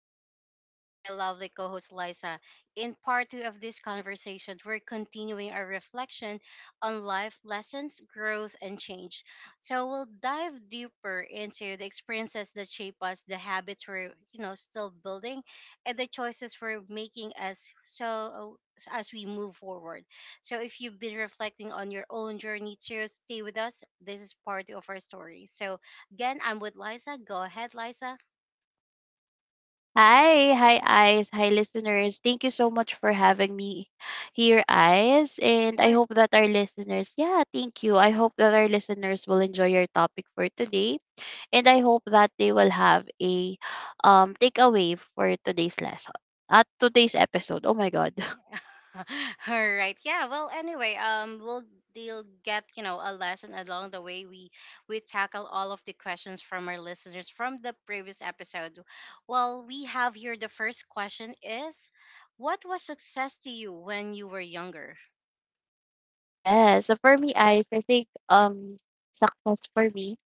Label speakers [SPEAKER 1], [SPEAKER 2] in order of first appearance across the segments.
[SPEAKER 1] I'm still here with my lovely co-host Liza. In part 2 of this conversation, we're continuing our reflection on life lessons, growth and change. So we'll dive deeper into the experiences that shape us, the habits we're still building and the choices we're making as as we move forward. So if you've been reflecting on your own journey too, stay with us. This is part two of our story. Again, I'm with Liza. Go ahead, Liza.
[SPEAKER 2] Hi, hi, Eyes. Hi, listeners. Thank you so much for having me here, Eyes.
[SPEAKER 1] Of
[SPEAKER 2] And I
[SPEAKER 1] course.
[SPEAKER 2] hope that our listeners, yeah, thank you. I hope that our listeners will enjoy your topic for today. And I hope that they will have a takeaway for today's lesson, at today's episode. Oh my God.
[SPEAKER 1] Yeah. All right. Yeah. Well, anyway, we'll they'll get a lesson along the way. We tackle all of the questions from our listeners from the previous episode. Well, we have here, the first question is, what was success to you when you were younger?
[SPEAKER 2] Yes. So for me, Eyes, I think success for me.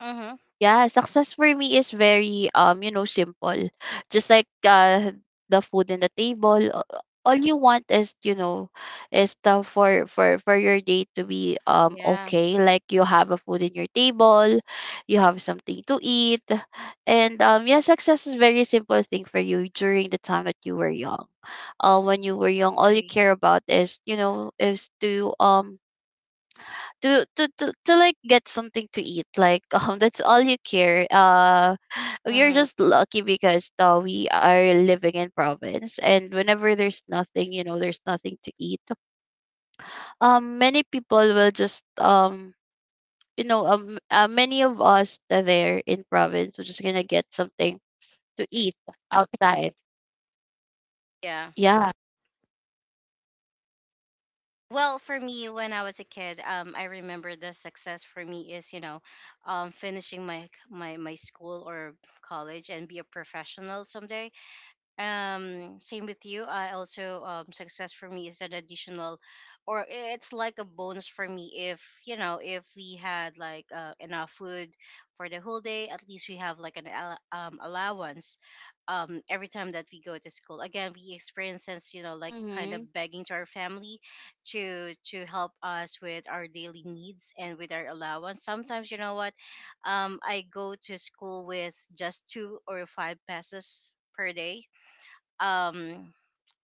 [SPEAKER 1] Mm-hmm.
[SPEAKER 2] Yeah, success for me is very you know, simple. Just like the food in the table, all you want is, you know, is the for your day to be
[SPEAKER 1] Yeah.
[SPEAKER 2] okay. Like you have a food in your table, you have something to eat. And yeah, success is very simple thing for you during the time that you were young. When you were young, all you
[SPEAKER 1] Agree.
[SPEAKER 2] care about is, you know, is to like get something to eat like that's all you care we are
[SPEAKER 1] Mm-hmm.
[SPEAKER 2] just lucky because we are living in province and whenever there's nothing, you know, there's nothing to eat, many people will just you know many of us that there in province are just gonna get something to eat outside,
[SPEAKER 1] Yeah.
[SPEAKER 2] yeah,
[SPEAKER 1] Well, for me, when I was a kid, I remember the success for me is, finishing my school or college and be a professional someday. Same with you, I also success for me is an additional or it's like a bonus for me if, you know, if we had like enough food for the whole day. At least we have like an allowance every time that we go to school. Again, we experience this, you know, like kind of
[SPEAKER 2] mm-hmm,
[SPEAKER 1] begging to our family to help us with our daily needs. And with our allowance sometimes, you know what, I go to school with just two or five pesos per day. um,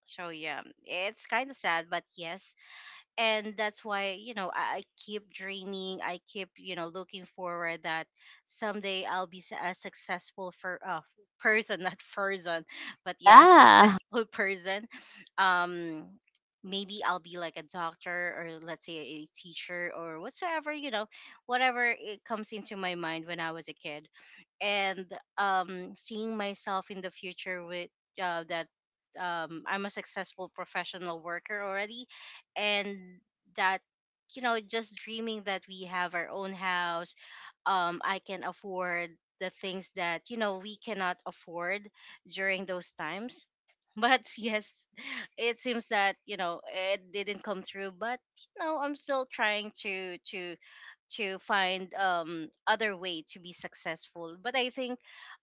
[SPEAKER 1] so yeah, it's kind of sad, but yes, and that's why, you know, I keep dreaming, I keep, you know, looking forward that someday I'll be a successful for person. Not person, but yeah,
[SPEAKER 2] yeah.
[SPEAKER 1] successful person. um Maybe I'll be like a doctor or let's say a teacher or whatsoever, you know, whatever it comes into my mind when I was a kid. And seeing myself in the future with that I'm a successful professional worker already. And that You know, just dreaming that we have our own house, I can afford the things that, you know, we cannot afford during those times. But yes, it seems that, you know, it didn't come through. But you know, I'm still trying to to find other way to be successful. But I think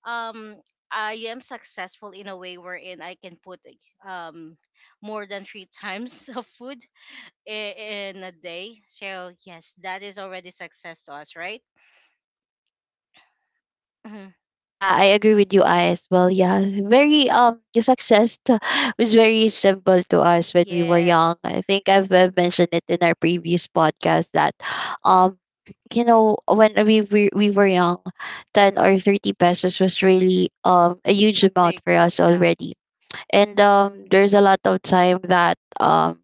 [SPEAKER 1] um I am successful in a way wherein I can put like, um more than three times of food i- in a day. So yes, that is already success to us, right? Mhm.
[SPEAKER 2] Yeah, I agree with you, I as well. Yeah, very the success was very simple to us when we were
[SPEAKER 1] Yes,
[SPEAKER 2] young. I think I've mentioned it in our previous podcast that, um, you know, when we were young, 10 or 30 pesos was really a huge
[SPEAKER 1] big,
[SPEAKER 2] amount for us
[SPEAKER 1] yeah,
[SPEAKER 2] already, and there's a lot of time that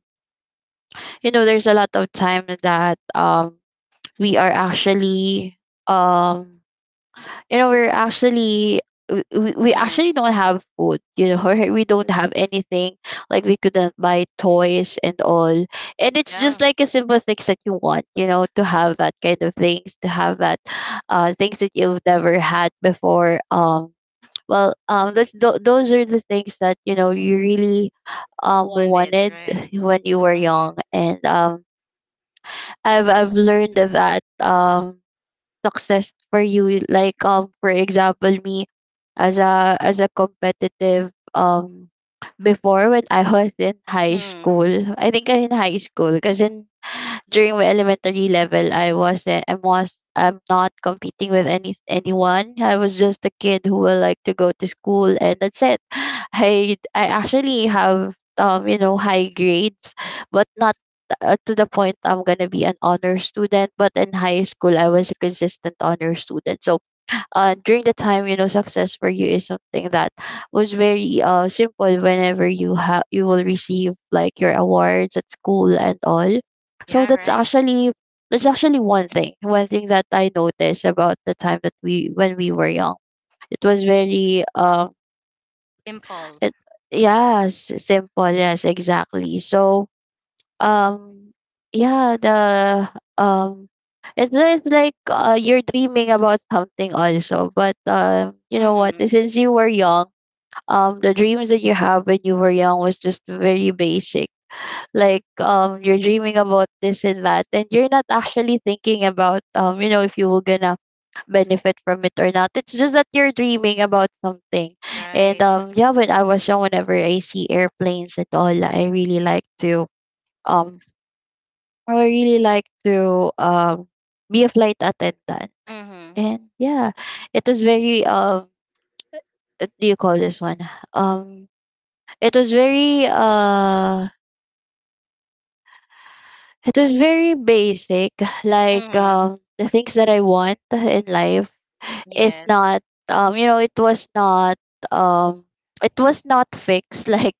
[SPEAKER 2] you know, there's a lot of time that we are actually um we're actually we
[SPEAKER 1] mm,
[SPEAKER 2] actually don't have food, you know, or we don't have anything like we couldn't buy toys and all, and it's
[SPEAKER 1] yeah,
[SPEAKER 2] just like a simple things that you want, you know, to have that kind of things, to have that things that you've never had before. Um, that's, those are the things that, you know, you really
[SPEAKER 1] want it,
[SPEAKER 2] wanted
[SPEAKER 1] right?
[SPEAKER 2] when you were
[SPEAKER 1] Mm-hmm.
[SPEAKER 2] young. And I've learned that success for you, like for example me, as a competitive before when I was in high
[SPEAKER 1] Mm,
[SPEAKER 2] school. I think in high school because in during my elementary level I wasn't, I was, I'm not competing with any anyone. I was just a kid who will like to go to school and that's it. I actually have you know high grades, but not to the point I'm gonna be an honor student. But in high school, I was a consistent honor student. So during the time, you know, success for you is something that was very simple whenever you have, you will receive like your awards at school and all. So
[SPEAKER 1] yeah,
[SPEAKER 2] that's
[SPEAKER 1] right.
[SPEAKER 2] actually, that's actually one thing, one thing that I noticed about the time that we, when we were young, it was very
[SPEAKER 1] Simple.
[SPEAKER 2] it, yes, simple, yes, exactly. So um, yeah, the um, it's just like you're dreaming about something also. But you know what?
[SPEAKER 1] Mm-hmm.
[SPEAKER 2] Since you were young, the dreams that you have when you were young was just very basic. Like you're dreaming about this and that, and you're not actually thinking about you know, if you were gonna benefit from it or not. It's just that you're dreaming about something. And
[SPEAKER 1] Right.
[SPEAKER 2] yeah, when I was young, whenever I see airplanes and all, I really like to um I would really like to be a flight attendant.
[SPEAKER 1] Mm-hmm.
[SPEAKER 2] And yeah, it was very what do you call this one? Um it was very uh it was very basic. Like
[SPEAKER 1] Mm-hmm.
[SPEAKER 2] the things that I want in life, it's
[SPEAKER 1] Yes.
[SPEAKER 2] not you know um it was not fixed like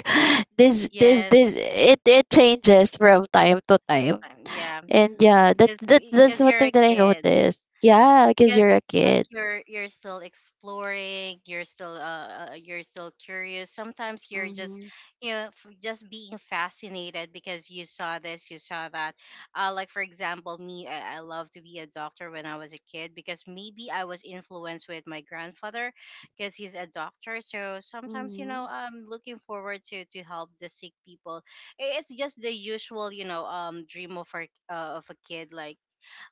[SPEAKER 2] this
[SPEAKER 1] Yes.
[SPEAKER 2] it it changes from time to
[SPEAKER 1] That
[SPEAKER 2] time.
[SPEAKER 1] time. Yeah,
[SPEAKER 2] And yeah, that
[SPEAKER 1] because
[SPEAKER 2] that that's
[SPEAKER 1] because
[SPEAKER 2] one
[SPEAKER 1] you're
[SPEAKER 2] thing
[SPEAKER 1] a
[SPEAKER 2] that I
[SPEAKER 1] kid.
[SPEAKER 2] noticed. Yeah, because
[SPEAKER 1] Because
[SPEAKER 2] you're
[SPEAKER 1] it's
[SPEAKER 2] a kid.
[SPEAKER 1] like you're still exploring, you're still curious. Sometimes you're just,
[SPEAKER 2] Mm-hmm.
[SPEAKER 1] you know, just being fascinated because you saw this, you saw that. Like for example me, I love to be a doctor when I was a kid because maybe I was influenced with my grandfather, because he's a doctor. So sometimes, you
[SPEAKER 2] Mm-hmm.
[SPEAKER 1] know, I'm looking forward to help the sick people. It's just the usual, you know, dream of a kid. Like,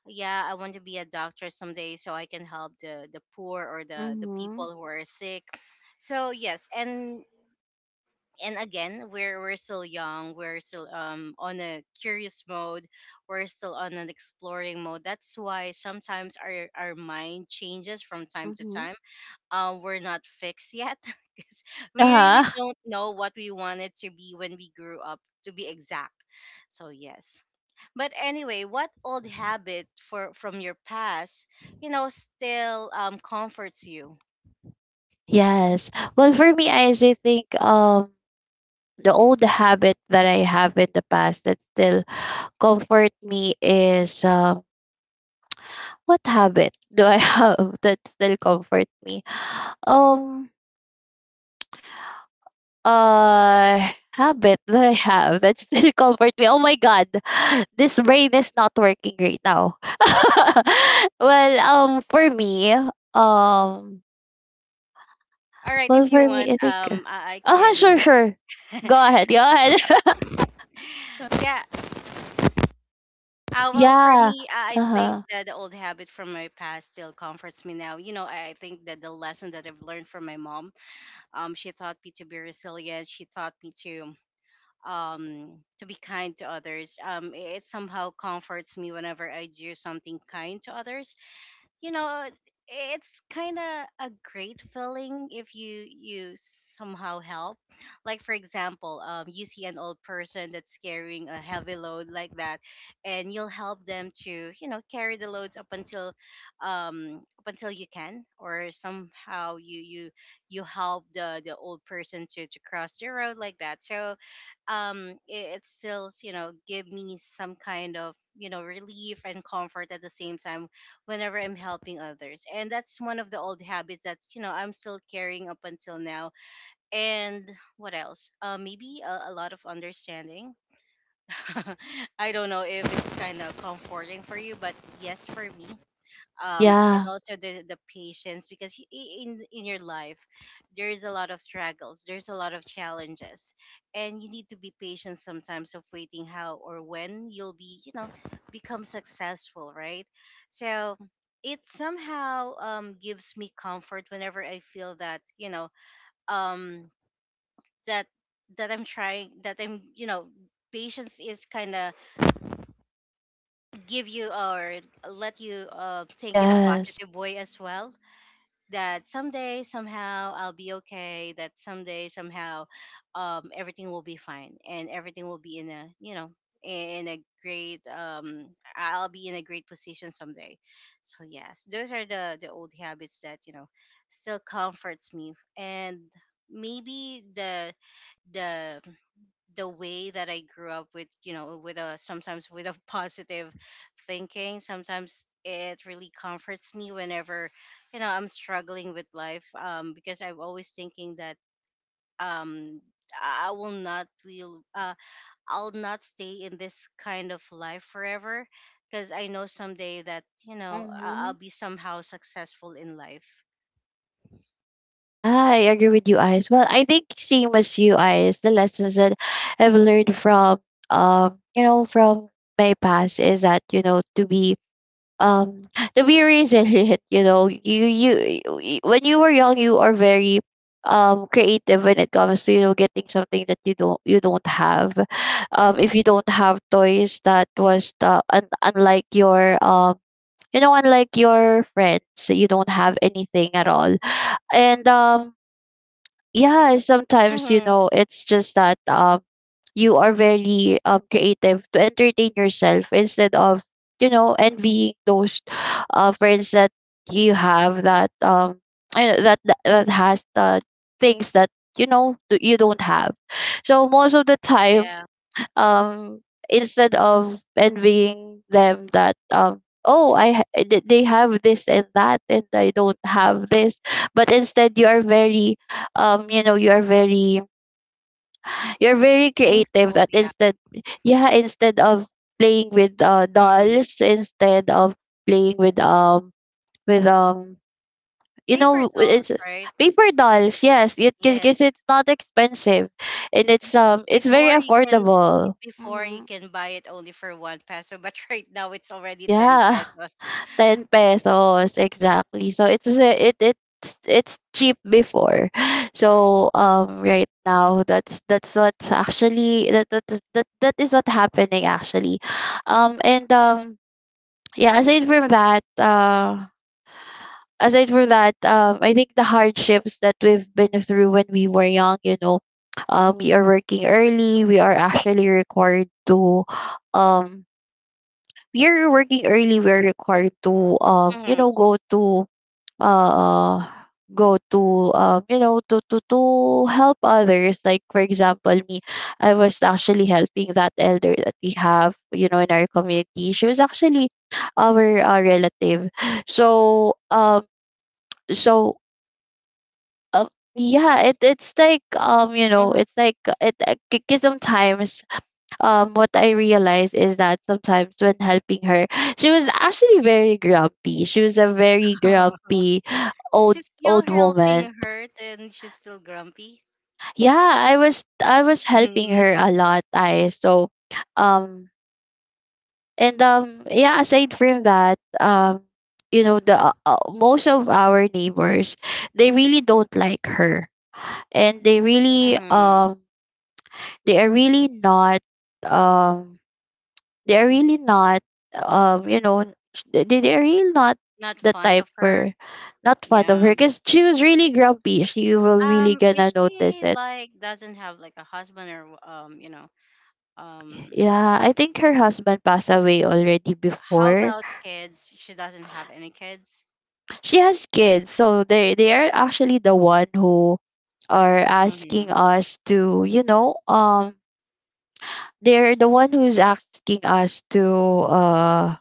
[SPEAKER 1] yeah, I want to be a doctor someday so I can help the poor or the
[SPEAKER 2] Mm-hmm.
[SPEAKER 1] people who are sick. So yes, and again, we're still young, we're still on a curious mode, we're still on an exploring mode. That's why sometimes our mind changes from time to
[SPEAKER 2] Mm-hmm.
[SPEAKER 1] time. We're not fixed yet because we
[SPEAKER 2] Uh-huh.
[SPEAKER 1] really don't know what we wanted to be when we grew up, to be exact. So yes. But anyway, what old habit for from your past, you know, still comforts you?
[SPEAKER 2] Yes. Well, for me, Ice, I think the old habit that I have in the past that still comfort me is what habit do I have that still comfort me? Um habit that I have that still comfort me. Oh my god, this brain is not working right now. Well, for me, um,
[SPEAKER 1] All right,
[SPEAKER 2] well,
[SPEAKER 1] if you
[SPEAKER 2] for
[SPEAKER 1] want,
[SPEAKER 2] me, I think. Uh
[SPEAKER 1] I
[SPEAKER 2] huh.
[SPEAKER 1] can.
[SPEAKER 2] Sure, sure. Go ahead. Go ahead.
[SPEAKER 1] Yeah.
[SPEAKER 2] Well,
[SPEAKER 1] Well, for
[SPEAKER 2] yeah.
[SPEAKER 1] me, I
[SPEAKER 2] Uh
[SPEAKER 1] think
[SPEAKER 2] huh.
[SPEAKER 1] that the old habit from my past still comforts me now. You know, I think that the lesson that I've learned from my mom, she taught me to be resilient. She taught me to be kind to others. It somehow comforts me whenever I do something kind to others. You know, it's kind of a great feeling if you somehow help. Like for example, you see an old person that's carrying a heavy load like that and you'll help them to, you know, carry the loads up until you can, or somehow you you help the old person to cross the road like that. So it, it still, you know, give me some kind of, you know, relief and comfort at the same time whenever I'm helping others. And that's one of the old habits that, you know, I'm still carrying up until now. And what else? Maybe a lot of understanding. I don't know if it's kind of comforting for you, but yes, for me and
[SPEAKER 2] Yeah.
[SPEAKER 1] also the patience. Because in your life there is a lot of struggles, there's a lot of challenges, and you need to be patient sometimes of waiting how or when you'll be, you know, become successful, right? So it somehow gives me comfort whenever I feel that, you know, um, that that I'm trying, that I'm, you know, patience is kind of give you or let you think in a
[SPEAKER 2] Yes.
[SPEAKER 1] positive way as well. That someday somehow I'll be okay, that someday somehow everything will be fine, and everything will be in a, you know, in a great I'll be in a great position someday. So yes, those are the old habits that, you know, still comforts me. And maybe the the way that I grew up with, you know, with a sometimes with a positive thinking. Sometimes it really comforts me whenever, you know, I'm struggling with life. Because I'm always thinking that um I will not will I'll not stay in this kind of life forever, because I know someday that, you know, I- I'll
[SPEAKER 2] Mhm.
[SPEAKER 1] be somehow successful in life.
[SPEAKER 2] Yeah, I agree with you, Ice. Well, I think same as you, Ice. The lessons that I've learned from, you know, from my past is that you know to be, um, to be resilient. You know, when you were young, you are very, creative when it comes to, you know, getting something that you don't, you don't have. If you don't have toys, that was the unlike your You know, unlike your friends, you don't have anything at all. And yeah sometimes you
[SPEAKER 1] Mm-hmm.
[SPEAKER 2] know it's just that you are very creative to entertain yourself instead of, you know, envying those friends that you have that that that, that has the things that, you know, you don't have. So most of the time
[SPEAKER 1] Yeah.
[SPEAKER 2] um instead of envying them that oh I they have this and that and I don't have this, but instead you are very you know you are very, you're very creative,
[SPEAKER 1] Thankful,
[SPEAKER 2] that
[SPEAKER 1] yeah.
[SPEAKER 2] instead, yeah, instead of playing with
[SPEAKER 1] Mm-hmm.
[SPEAKER 2] dolls, instead of playing with with um you
[SPEAKER 1] Paper
[SPEAKER 2] know it's
[SPEAKER 1] dolls, right?
[SPEAKER 2] paper dolls, yes, it,
[SPEAKER 1] Yes.
[SPEAKER 2] because it's not expensive and
[SPEAKER 1] y-
[SPEAKER 2] it's very
[SPEAKER 1] Before you can
[SPEAKER 2] affordable,
[SPEAKER 1] before you
[SPEAKER 2] hmm,
[SPEAKER 1] can buy it only for one peso, but right now it's already 10
[SPEAKER 2] yeah,
[SPEAKER 1] pesos.
[SPEAKER 2] 10 pesos exactly. So it's it it's cheap before. So right now that's what's actually, that that that, that is what happening actually. Um and um yeah, aside from that I think the hardships that we've been through when we were young, you know, we are working early, we are actually required to um we are working early, we are required to, you
[SPEAKER 1] Mhm,
[SPEAKER 2] know go to uh go to, you know, to help others, like for example me, I was actually helping that elder that we have, you know, in our community. She was actually our relative. So so um yeah, it it's like you know
[SPEAKER 1] mhm.
[SPEAKER 2] it's like it, because sometimes what I realized is that sometimes when helping her, she was actually very grumpy. She was a very grumpy old
[SPEAKER 1] She's still
[SPEAKER 2] old woman.
[SPEAKER 1] helping her and she's still grumpy.
[SPEAKER 2] Yeah, I was helping her
[SPEAKER 1] Mhm,
[SPEAKER 2] a lot. I so um and yeah. Aside from that, you know the most of our neighbors they really don't like her, and they really
[SPEAKER 1] mhm.
[SPEAKER 2] they are really not um they're really not you know they, they're really not
[SPEAKER 1] Not
[SPEAKER 2] the
[SPEAKER 1] fond
[SPEAKER 2] type
[SPEAKER 1] of her.
[SPEAKER 2] for, not fond of her
[SPEAKER 1] Yeah,
[SPEAKER 2] because she was really grumpy, she will really gonna
[SPEAKER 1] is
[SPEAKER 2] notice
[SPEAKER 1] she
[SPEAKER 2] it,
[SPEAKER 1] like doesn't have like a husband or, you know, um.
[SPEAKER 2] yeah. I think her husband passed away already
[SPEAKER 1] How
[SPEAKER 2] before.
[SPEAKER 1] about kids? She doesn't have any kids?
[SPEAKER 2] She has kids, so they are actually the one who are asking
[SPEAKER 1] Hmm.
[SPEAKER 2] us to, you know, they're the one who's asking us uh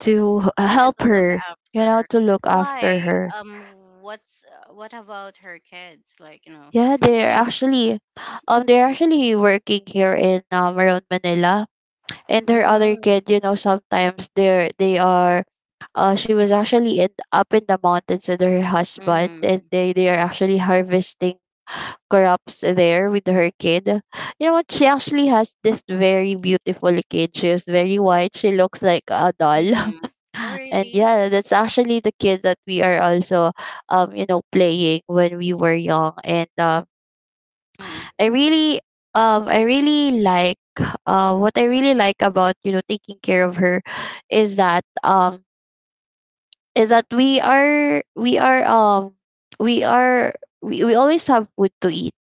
[SPEAKER 2] to
[SPEAKER 1] to,
[SPEAKER 2] help
[SPEAKER 1] to look
[SPEAKER 2] her, you
[SPEAKER 1] after
[SPEAKER 2] know,
[SPEAKER 1] her.
[SPEAKER 2] to look after
[SPEAKER 1] Why?
[SPEAKER 2] her.
[SPEAKER 1] What's what about her kids? Like, you know,
[SPEAKER 2] Yeah,
[SPEAKER 1] they.
[SPEAKER 2] they're actually working here in Maroon, Manila. And her other
[SPEAKER 1] Mm,
[SPEAKER 2] kid, you know, sometimes they're they are she was actually in up in the mountains with her husband, and
[SPEAKER 1] mm,
[SPEAKER 2] they are actually harvesting crops there with her kid. You know what? She actually has this very beautiful kid. She is very white. She looks like a doll.
[SPEAKER 1] mm. Oh,
[SPEAKER 2] And
[SPEAKER 1] really?
[SPEAKER 2] yeah, that's actually the kid that we are also you know, playing when we were young. And
[SPEAKER 1] Mm,
[SPEAKER 2] I really I really like what I really like about, you know, taking care of her, is that um is that we are we always have food to eat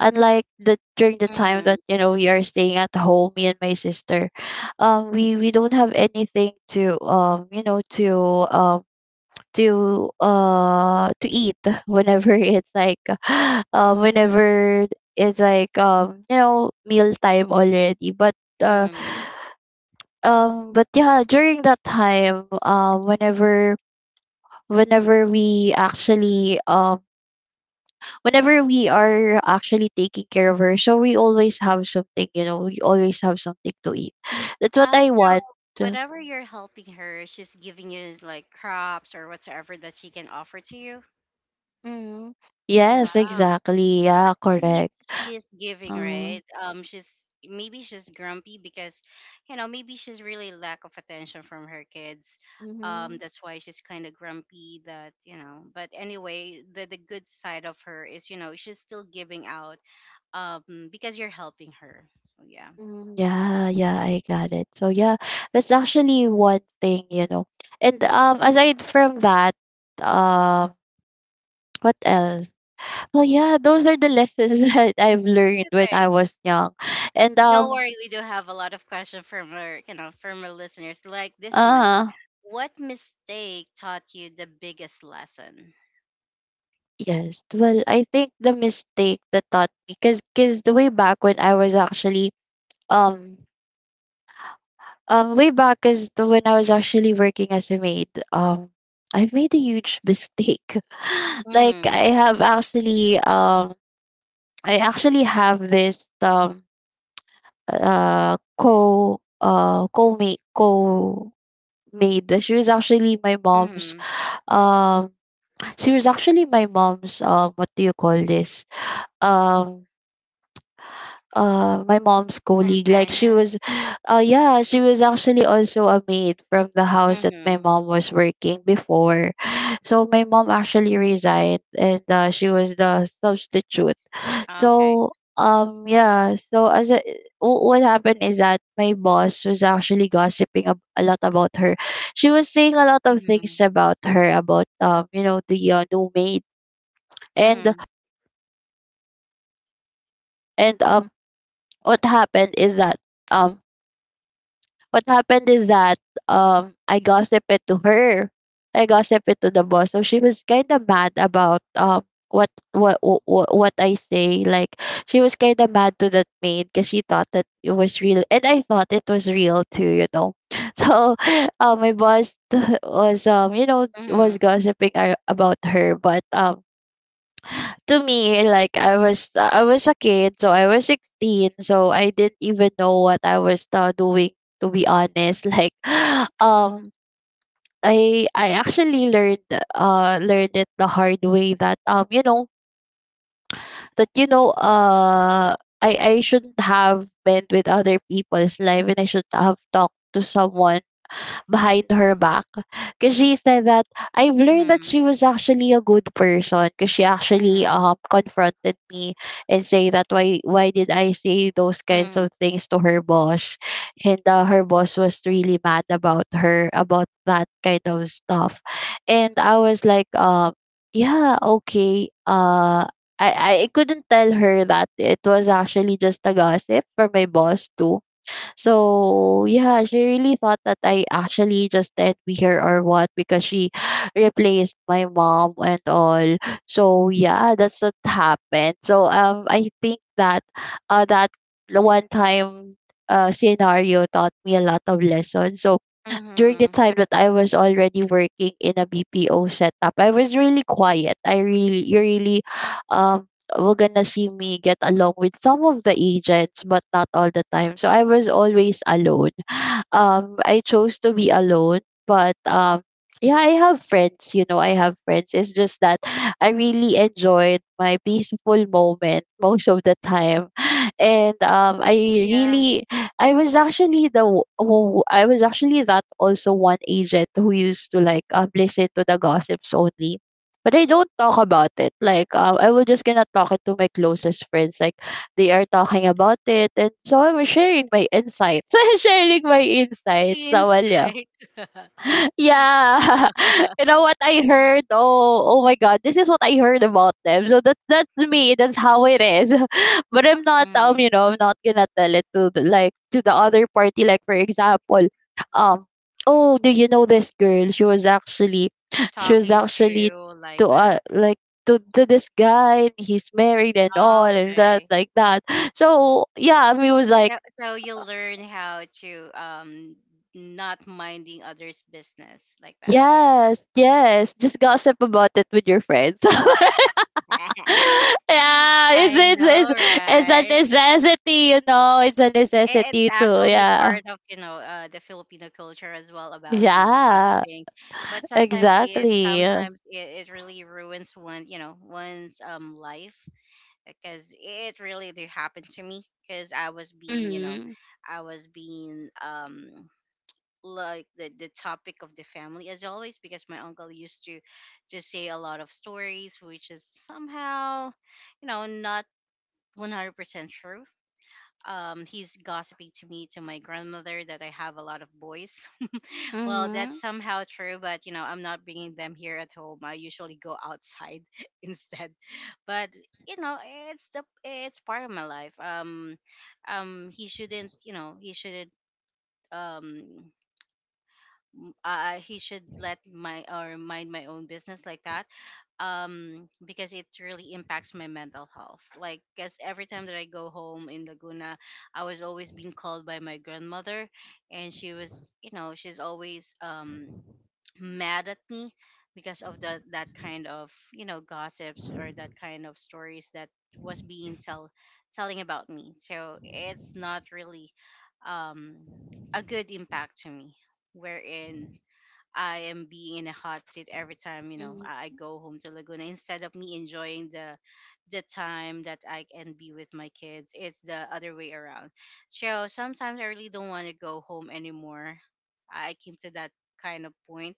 [SPEAKER 2] unlike the, during the time
[SPEAKER 1] mm,
[SPEAKER 2] that, you know, we are staying at home, me and my sister, we don't have anything to, you know, to um to eat. Whenever it's like whenever it's like, you know, meal time already, but uh
[SPEAKER 1] mm.
[SPEAKER 2] but yeah, during that time whenever whenever we actually whenever we are actually taking care of her, so we always have something, you know, we always have something to eat. That's what I
[SPEAKER 1] So
[SPEAKER 2] want.
[SPEAKER 1] whatever you're helping her, she's giving you like crops or whatsoever that she can offer to you.
[SPEAKER 2] Mm,
[SPEAKER 1] Oh,
[SPEAKER 2] yes,
[SPEAKER 1] wow.
[SPEAKER 2] exactly, yeah,
[SPEAKER 1] she's
[SPEAKER 2] correct,
[SPEAKER 1] she's giving,
[SPEAKER 2] uh,
[SPEAKER 1] right? She's maybe she's grumpy because, you know, maybe she's really lack of attention from her kids,
[SPEAKER 2] mhm.
[SPEAKER 1] that's why she's kind of grumpy that, you know. But anyway, the good side of her is, you know, she's still giving out because you're helping her. So yeah,
[SPEAKER 2] Mm, yeah, yeah, I got it. So yeah, that's actually one thing, you know. And aside from that, um what else? Well, yeah, those are the lessons that I've
[SPEAKER 1] it's
[SPEAKER 2] learned when I
[SPEAKER 1] okay.
[SPEAKER 2] was young. And
[SPEAKER 1] Don't worry, we do have a lot of questions from our, you know, from our listeners, like this one.
[SPEAKER 2] uh
[SPEAKER 1] What mistake taught you the biggest lesson?
[SPEAKER 2] yes, well, I think the mistake that taught me cuz the way back when I was actually um way back is when I was actually working as a maid. I've made a huge mistake. Like
[SPEAKER 1] Mm-hmm.
[SPEAKER 2] I have actually, I actually have this co co maid co maid. She was actually my mom's.
[SPEAKER 1] Mm-hmm.
[SPEAKER 2] Um, she was actually my mom's. What do you call this? Um. My mom's colleague, like she
[SPEAKER 1] Companion.
[SPEAKER 2] was yeah, she was actually also a maid from the house that my
[SPEAKER 1] Mhm.
[SPEAKER 2] mom was working before. So my mom actually resigned and she was the substitute.
[SPEAKER 1] Okay.
[SPEAKER 2] So yeah, so as a, what happened is that my boss was actually gossiping a lot about her. She was saying a lot of things
[SPEAKER 1] Mhm.
[SPEAKER 2] about her about um, you know, the new maid. And
[SPEAKER 1] Mhm.
[SPEAKER 2] and um what happened is that um what happened is that I gossiped it to her. I gossiped it to the boss. So she was kind of mad about what I say. Like she was kind of mad to that maid because she thought that it was real, and I thought it was real too. You know, so my boss was um, you know, was
[SPEAKER 1] Mhm.
[SPEAKER 2] gossiping about her, but to me, like I was a kid, so I was 16, so I didn't even know what I was doing, to be honest. Like um I actually learned learned it the hard way that um, you know, that I shouldn't have been with other people's life and I should have talked to someone behind her back. Because she said that I've learned that she
[SPEAKER 1] Mhm.
[SPEAKER 2] was actually a good person because she actually
[SPEAKER 1] Mhm.
[SPEAKER 2] confronted me and say that why did I say those kinds
[SPEAKER 1] Mhm.
[SPEAKER 2] of things to her boss, and her boss was really mad about her about that kind of stuff, and I was like yeah, okay, uh. I couldn't tell her that it was actually just a gossip for my boss too. So yeah, she really thought that I actually just envy her or what because she replaced my mom and all. So yeah, that's what happened. So I think that uh that the one time scenario taught me a lot of lessons. So
[SPEAKER 1] Mhm.
[SPEAKER 2] during the time that I was already working in a BPO setup, I was really quiet. I really, you really, um, were gonna see me get along with some of the agents, but not all the time. So I was always alone. I chose to be alone, but yeah, I have friends. You know, I have friends. It's just that I really enjoyed my peaceful moment most of the time. And um, I
[SPEAKER 1] Yeah.
[SPEAKER 2] really, I was actually that also one agent who used to like listen to the gossips only, but I don't talk about it. Like I will just gonna talk it to my closest friends, like they are talking about it, and so I'm sharing my insights sharing my insights, so well, yeah.
[SPEAKER 1] Insight.
[SPEAKER 2] Yeah. You know what I heard? Oh, oh my God, this is what I heard about them. So that's me. That's how it is. But I'm not you
[SPEAKER 1] Mhm.
[SPEAKER 2] know, I'm not gonna tell it to the, like to the other party. Like for example, um, oh, do you know this girl? She was actually she was
[SPEAKER 1] Talking
[SPEAKER 2] actually
[SPEAKER 1] to like
[SPEAKER 2] to
[SPEAKER 1] that.
[SPEAKER 2] like to this guy, and he's married and all and that
[SPEAKER 1] Okay.
[SPEAKER 2] like that. So yeah, I mean, it was like
[SPEAKER 1] So so you learn how to not minding others' business like that.
[SPEAKER 2] Yes, yes. Just gossip about it with your friends. Yeah,
[SPEAKER 1] I know,
[SPEAKER 2] it's a
[SPEAKER 1] right?
[SPEAKER 2] necessity, you know. It's a
[SPEAKER 1] It's
[SPEAKER 2] necessity too.
[SPEAKER 1] actually
[SPEAKER 2] Yeah,
[SPEAKER 1] part of, you know, the Filipino culture as well about, you know,
[SPEAKER 2] yeah,
[SPEAKER 1] gossiping. But
[SPEAKER 2] exactly.
[SPEAKER 1] sometimes it, it really ruins one, you know, one's life. Because it really did happen to me, because I was being, you know,
[SPEAKER 2] Mm-hmm.
[SPEAKER 1] I was being like the topic of the family as always, because my uncle used to just say a lot of stories which is somehow, you know, not 100% true. He's gossiping to me, to my grandmother, that I have a lot of boys. Well, that's
[SPEAKER 2] Mm-hmm.
[SPEAKER 1] somehow true, but you know, I'm not bringing them here at home. I usually go outside instead. But you know, it's the it's part of my life. He shouldn't, you know, he shouldn't. Um, he should let my or mind my own business like that because it really impacts my mental health, like because every time that I go home in Laguna, I was always being called by my grandmother, and she was, you know, she's always mad at me because of the that kind of, you know, gossips or that kind of stories that was being tell telling about me. So it's not really um a good impact to me, wherein I am being in a hot seat every time, you know, I go home to Laguna instead of me enjoying the time that I can be with my kids. It's the other way around. So sometimes I really don't want to go home anymore. I came to that kind of point.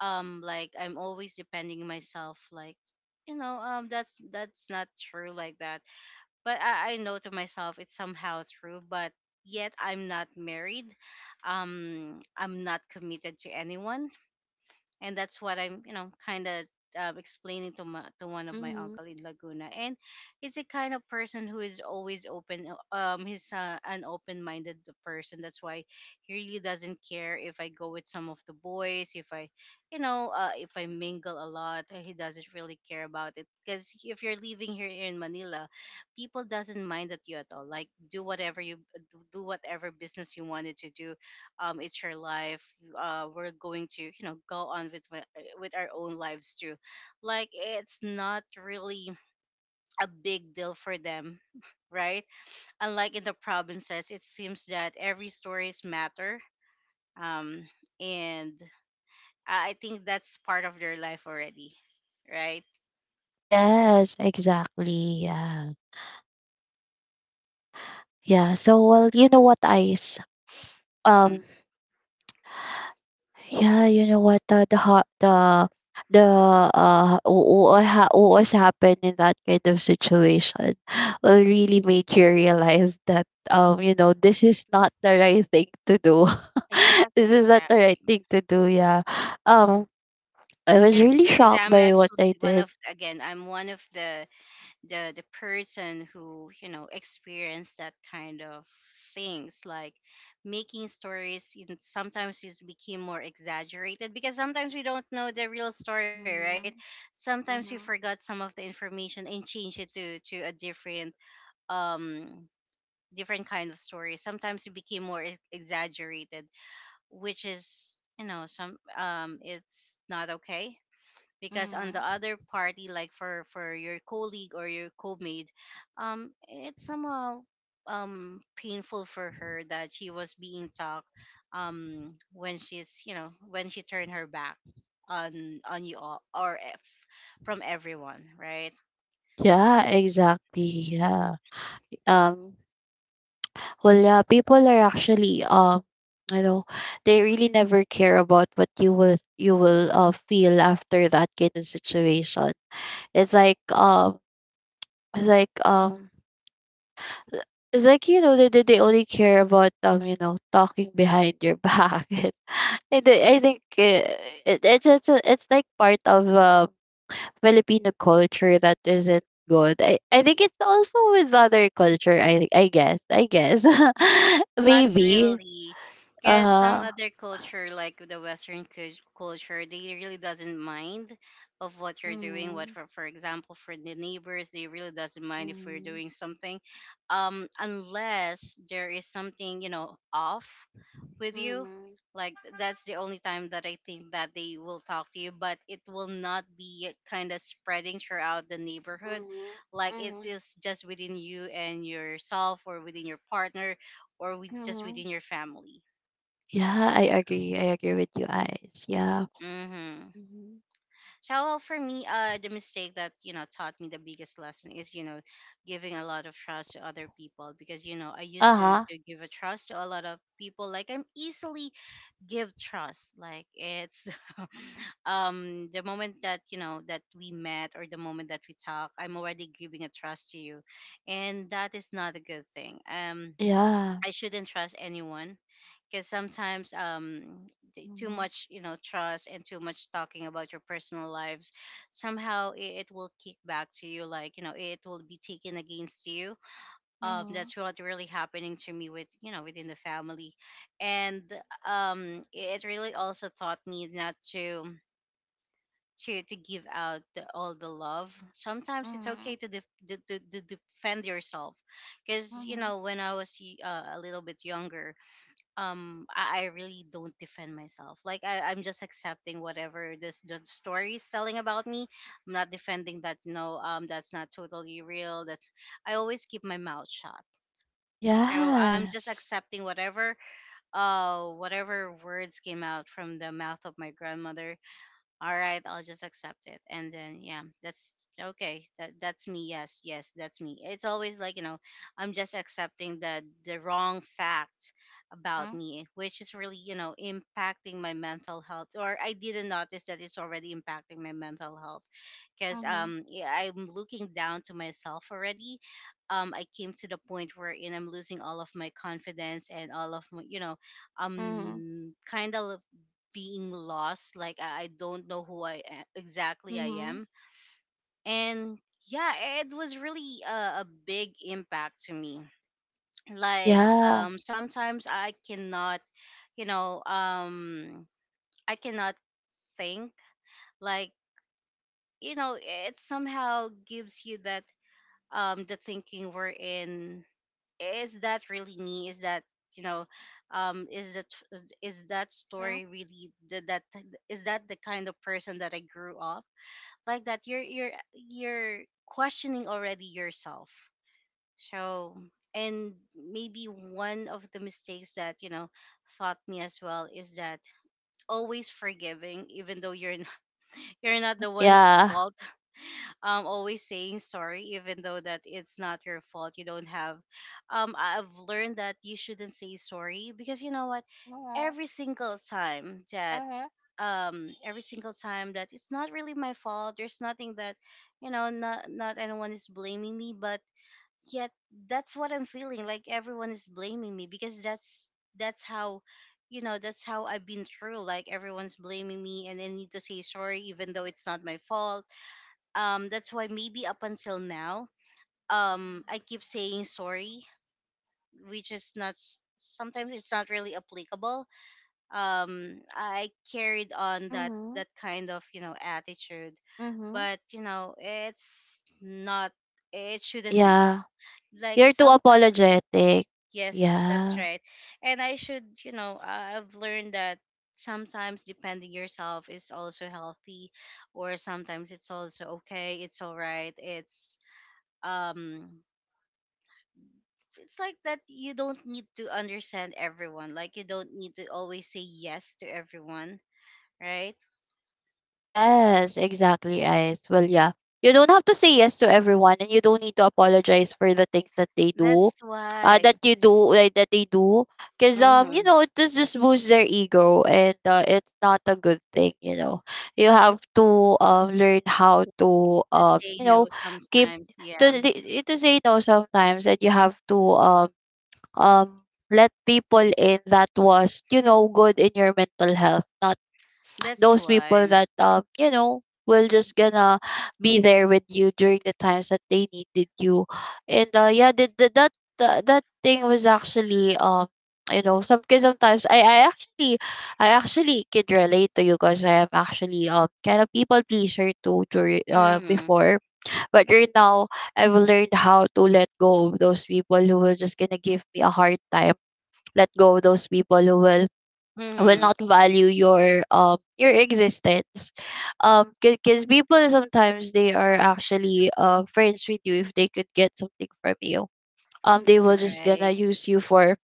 [SPEAKER 1] Like I'm always depending on myself. Like, you know, that's not true like that. But I know to myself it's somehow true. But yet I'm not married. I'm not committed to anyone, and that's what I'm, you know, kind of explaining to to one of my
[SPEAKER 2] Mm-hmm.
[SPEAKER 1] uncle in Laguna. And he's a kind of person who is always open. He's an open-minded person. That's why he really doesn't care if I go with some of the boys, if I, you know, if I mingle a lot. He doesn't really care about it because if you're living here in Manila, people doesn't mind at you at all. Like do whatever you do, do whatever business you wanted to do. It's her life. We're going to, you know, go on with my, with our own lives too, like it's not really a big deal for them, right? Unlike in the provinces, it seems that every stories matter. um and I think that's part of their life already, right?
[SPEAKER 2] Yes, exactly. Yeah, yeah. So, well, you know what, Ice?
[SPEAKER 1] Mm.
[SPEAKER 2] Um, Yeah, you know what? The ho- the wh- what ha- What was happened in that kind of situation really made you realize that um, you know, this is not the right thing to do. This
[SPEAKER 1] Exactly,
[SPEAKER 2] is not the right
[SPEAKER 1] exactly,
[SPEAKER 2] thing to do. Yeah. Um, I was really
[SPEAKER 1] because
[SPEAKER 2] shocked
[SPEAKER 1] I'm
[SPEAKER 2] by what
[SPEAKER 1] actually
[SPEAKER 2] I
[SPEAKER 1] one
[SPEAKER 2] did.
[SPEAKER 1] of, again, I'm one of the the person who, you know, experienced that kind of things, like making stories in, sometimes it became more exaggerated because sometimes we don't know the real story, right?
[SPEAKER 2] Mm-hmm.
[SPEAKER 1] Sometimes we
[SPEAKER 2] Mm-hmm.
[SPEAKER 1] forgot some of the information and change it to a different um different kind of story. Sometimes it became more exaggerated, which is, you know, some it's not okay because on the
[SPEAKER 2] Mm-hmm.
[SPEAKER 1] other party, like for your colleague or your co-mate, it's somehow painful for her that she was being talked when she's, you know, when she turned her back on you all, or if, from everyone, right?
[SPEAKER 2] Yeah, exactly. Yeah. Um, well, yeah, people are actually um, you know, they really never care about what you will feel after that kind of situation. It's like um it's like um it's like, you know, they only care about um, you know, talking behind your back. And I think it, it's a, it's like part of Filipino culture that isn't good. I think it's also with other culture. I guess
[SPEAKER 1] Not
[SPEAKER 2] maybe.
[SPEAKER 1] really,
[SPEAKER 2] Uh
[SPEAKER 1] because
[SPEAKER 2] huh.
[SPEAKER 1] some other culture, like the Western culture, they really doesn't mind of what you're doing. What
[SPEAKER 2] Mhm,
[SPEAKER 1] for example, for the neighbors, they really doesn't mind if we're
[SPEAKER 2] mhm,
[SPEAKER 1] doing something, unless there is something, you know, off with you.
[SPEAKER 2] mhm,
[SPEAKER 1] Like that's the only time that I think that they will talk to you, but it will not be kind of spreading throughout the neighborhood.
[SPEAKER 2] mhm,
[SPEAKER 1] Like it
[SPEAKER 2] mhm,
[SPEAKER 1] is just within you and yourself, or within your partner, or with just
[SPEAKER 2] mhm.
[SPEAKER 1] within your family.
[SPEAKER 2] Yeah, I agree. I agree with you guys. Yeah.
[SPEAKER 1] Mm-hmm.
[SPEAKER 2] Mhm,
[SPEAKER 1] So well, for me, the mistake that, you know, taught me the biggest lesson is, you know, giving a lot of trust to other people, because you know I used to
[SPEAKER 2] uh-huh.
[SPEAKER 1] to give a trust to a lot of people. Like I'm easily give trust. Like it's the moment that, you know, that we met, or the moment that we talk, I'm already giving a trust to you, and that is not a good thing.
[SPEAKER 2] Yeah.
[SPEAKER 1] I shouldn't trust anyone because sometimes too
[SPEAKER 2] Mhm,
[SPEAKER 1] much, you know, trust and too much talking about your personal lives, somehow it will kick back to you, like you know it will be taken against you.
[SPEAKER 2] mhm,
[SPEAKER 1] That's what really happening to me with, you know, within the family. And it really also taught me not to to give out all the love. Sometimes it's okay
[SPEAKER 2] mhm,
[SPEAKER 1] to, to, to defend yourself, because you
[SPEAKER 2] mhm,
[SPEAKER 1] know when I was a little bit younger, I really don't defend myself. Like I'm just accepting whatever this the story is telling about me. I'm not defending that. No, that's not totally real. That's, I always keep my mouth shut. So I'm just
[SPEAKER 2] yes.
[SPEAKER 1] accepting whatever whatever words came out from the mouth of my grandmother. All right, I'll just accept it, and then yeah, that's okay, that's me. Yes, yes, that's me. It's always like, you know, I'm just accepting the wrong facts about
[SPEAKER 2] Mhm,
[SPEAKER 1] me, which is really, you know, impacting my mental health. Or I didn't notice that it's already impacting my mental health, because
[SPEAKER 2] mhm,
[SPEAKER 1] yeah, I'm looking down to myself already. I came to the point where, you know, I'm losing all of my confidence and all of my, you know,
[SPEAKER 2] mhm,
[SPEAKER 1] kind of being lost. Like I don't know who exactly I
[SPEAKER 2] mhm,
[SPEAKER 1] am. And yeah, it was really a big impact to me, like
[SPEAKER 2] yeah.
[SPEAKER 1] sometimes I cannot, you know, I cannot think, like, you know, it somehow gives you that the thinking we're in. Is that really me? Is that, you know, is that, is that
[SPEAKER 2] Mhm,
[SPEAKER 1] story really that, is that the kind of person that I grew up? Like that you're you're questioning already yourself. So, and maybe one of the mistakes that, you know, taught me as well is that always forgiving even though you're not, you're not the one who's
[SPEAKER 2] yeah.
[SPEAKER 1] fault. Always saying sorry even though that it's not your fault. You don't have I- I've learned that you shouldn't say sorry, because you know what,
[SPEAKER 2] Mhm,
[SPEAKER 1] every single time that every single time that it's not really my fault, there's nothing that, you know, not anyone is blaming me. But yet that's what I'm feeling. Like everyone is blaming me, because that's how, you know, that's how I've been through. Like everyone's blaming me and I need to say sorry even though it's not my fault. That's why maybe up until now, I keep saying sorry, which is not sometimes it's not really applicable. I carried on
[SPEAKER 2] mhm,
[SPEAKER 1] that
[SPEAKER 2] mhm,
[SPEAKER 1] that kind of, you know, attitude,
[SPEAKER 2] mhm.
[SPEAKER 1] but you know it's not. It shouldn't be
[SPEAKER 2] Yeah.
[SPEAKER 1] like
[SPEAKER 2] You're too
[SPEAKER 1] sometimes.
[SPEAKER 2] apologetic.
[SPEAKER 1] Yes, that's
[SPEAKER 2] Yeah.
[SPEAKER 1] right. And I should, you know, I- i've learned that sometimes depending yourself is also healthy, or sometimes it's also okay, it's all right. It's um it's like that you don't need to understand everyone, like you don't need to always say yes to everyone, right?
[SPEAKER 2] Yes, exactly, Ice. Well, yeah. You don't have to say yes to everyone and you don't need to apologize for the things that they do.
[SPEAKER 1] That's why,
[SPEAKER 2] That you do like, that they do because um, you
[SPEAKER 1] mm-hmm.
[SPEAKER 2] know, it does just boost their ego and it's not a good thing, you know. You have to learn how to
[SPEAKER 1] That
[SPEAKER 2] um,
[SPEAKER 1] say
[SPEAKER 2] you know,
[SPEAKER 1] no
[SPEAKER 2] keep
[SPEAKER 1] sometimes, yeah.
[SPEAKER 2] to say no sometimes, and you have to um let people in that was, you know, good in your mental health, not
[SPEAKER 1] That's
[SPEAKER 2] those people
[SPEAKER 1] why,
[SPEAKER 2] that um, you know, will just gonna be there with you during the times that they needed you. And yeah, the, that thing was actually um, you know, some because sometimes I actually, I actually could relate to you because I am actually kind of people pleaser too during
[SPEAKER 1] mm-hmm.
[SPEAKER 2] before, but right now I've learned how to let go of those people who were just gonna give me a hard time, let go of those people who will
[SPEAKER 1] Mm-hmm.
[SPEAKER 2] not value your existence because people sometimes they are actually friends with you if they could get something from you. Um, they
[SPEAKER 1] All
[SPEAKER 2] will just gonna
[SPEAKER 1] right.
[SPEAKER 2] use you for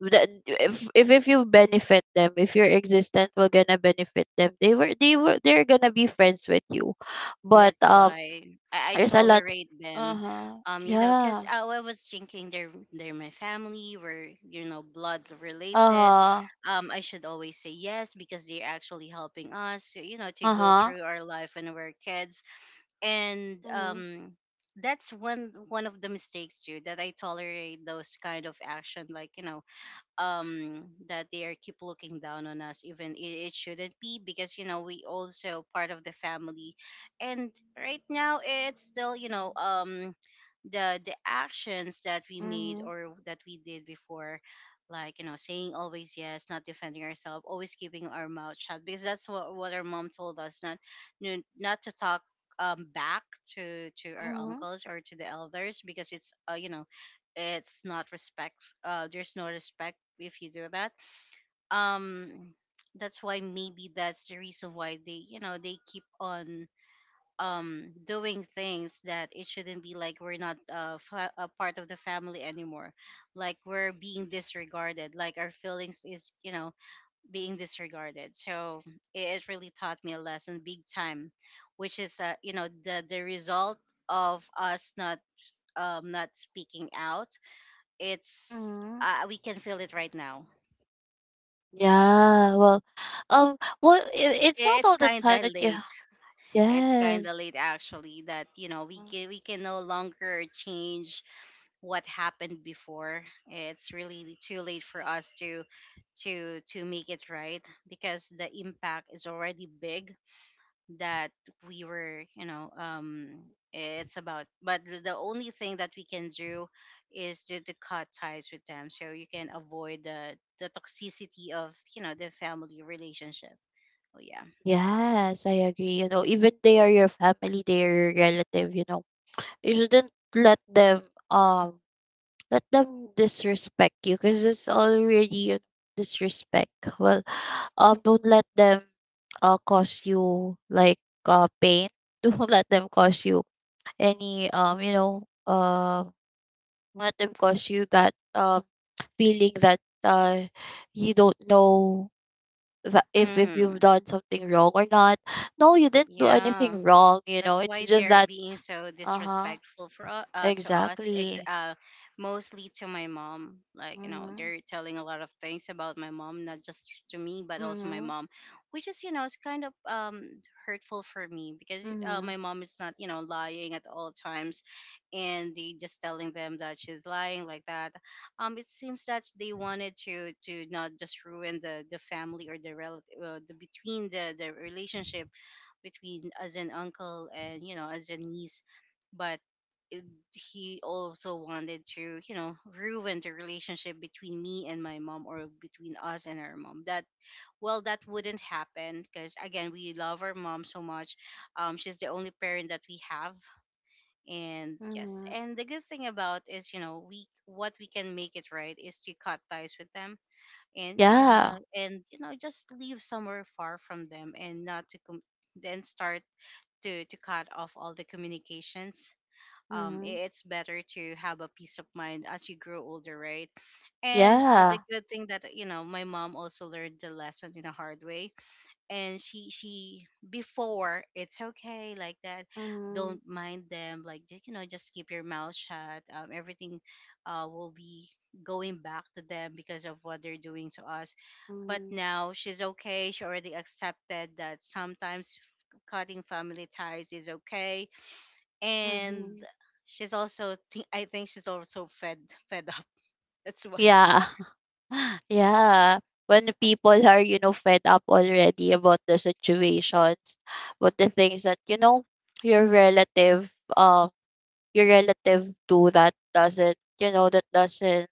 [SPEAKER 2] if, if you benefit them, if your existence will gonna benefit them, they're gonna be friends with you. But
[SPEAKER 1] That's
[SPEAKER 2] um,
[SPEAKER 1] why I
[SPEAKER 2] there's a lot.
[SPEAKER 1] tolerate them.
[SPEAKER 2] Uh-huh,
[SPEAKER 1] You know,
[SPEAKER 2] yeah,
[SPEAKER 1] because I was thinking they're my family, we're, you know, blood related.
[SPEAKER 2] uh-huh,
[SPEAKER 1] I should always say yes, because they're actually helping us, you know, to go
[SPEAKER 2] uh-huh,
[SPEAKER 1] through our life when we're kids. And
[SPEAKER 2] mm-hmm,
[SPEAKER 1] that's one of the mistakes too that I tolerate those kind of action, like, you know, that they are keep looking down on us, even it, it shouldn't be, because you know we also part of the family. And right now it's still, you know, the actions that we made
[SPEAKER 2] mm-hmm,
[SPEAKER 1] or that we did before, like, you know, saying always yes, not defending ourselves, always keeping our mouth shut, because that's what our mom told us, not not to talk back to our
[SPEAKER 2] mm-hmm.
[SPEAKER 1] uncles or to the elders, because it's you know, it's not respect. There's no respect if you do that. um that's why maybe that's the reason why they, you know, they keep on doing things that it shouldn't be, like we're not a part of the family anymore, like we're being disregarded, like our feelings is, you know, being disregarded. So it really taught me a lesson big time, which is, you know, the result of us not not speaking out. It's,
[SPEAKER 2] Mm-hmm.
[SPEAKER 1] we can feel it right now.
[SPEAKER 2] Yeah, well, well, it's not
[SPEAKER 1] It's
[SPEAKER 2] all the
[SPEAKER 1] kind
[SPEAKER 2] time
[SPEAKER 1] of
[SPEAKER 2] that you.
[SPEAKER 1] late. It's kind of
[SPEAKER 2] Yes,
[SPEAKER 1] late, actually, that, you know,
[SPEAKER 2] mm.
[SPEAKER 1] we can no longer change what happened before. It's really too late for us to to make it right, because the impact is already big, that we were, you know, it's about, but the only thing that we can do is to cut ties with them, so you can avoid the toxicity of, you know, the family relationship. Oh yeah.
[SPEAKER 2] Yes, I agree. You know, even they are your family, they are your relative. You know, you shouldn't um let them disrespect you because it's already you disrespect. Well, don't let them cause you like pain. Don't let them cause you any um, you know, let them cause you that feeling that you don't know that if you've
[SPEAKER 1] Mm-hmm.
[SPEAKER 2] done something wrong or not. No, you didn't do
[SPEAKER 1] Yeah.
[SPEAKER 2] anything wrong. You know,
[SPEAKER 1] That's
[SPEAKER 2] it's
[SPEAKER 1] why
[SPEAKER 2] just
[SPEAKER 1] they're
[SPEAKER 2] that.
[SPEAKER 1] being so
[SPEAKER 2] Uh huh.
[SPEAKER 1] disrespectful for to us,
[SPEAKER 2] Exactly.
[SPEAKER 1] mostly to my mom. Like, you know,
[SPEAKER 2] Mhm.
[SPEAKER 1] they're telling a lot of things about my mom, not just to me, but also my
[SPEAKER 2] Mhm.
[SPEAKER 1] mom, which is, you know, it's kind of hurtful for me, because
[SPEAKER 2] Mhm.
[SPEAKER 1] my mom is not, you know, lying at all times, and they just telling them that she's lying like that. It seems that they wanted to not just ruin the family or the relative the between the relationship between as an uncle and as a niece, but it, he also wanted to ruin the relationship between me and my mom or between us and our mom. That well, that wouldn't happen because again, we love our mom so much. She's the only parent that we have, and yes,
[SPEAKER 2] Mhm.
[SPEAKER 1] and the good thing about is you know we what we can make it right is to cut ties with them, and uh
[SPEAKER 2] Yeah.
[SPEAKER 1] and you know just leave somewhere far from them, and not to then start to cut off all the communications.
[SPEAKER 2] Mhm.
[SPEAKER 1] It's better to have a peace of mind as you grow older, right? And the
[SPEAKER 2] Yeah.
[SPEAKER 1] good thing that my mom also learned the lesson in a hard way, and she before it's okay like that, don't
[SPEAKER 2] Mhm.
[SPEAKER 1] mind them, like just keep your mouth shut. Everything will be going back to them because of what they're doing to us. But
[SPEAKER 2] Mhm.
[SPEAKER 1] now she's okay. She already accepted that sometimes cutting family ties is okay, and
[SPEAKER 2] Mhm.
[SPEAKER 1] she's also I think she's also fed up. That's why.
[SPEAKER 2] Yeah. Yeah, when people are, you know, fed up already about the situations, about the things that, you know, your relative, um, your relative do that doesn't, you know, that doesn't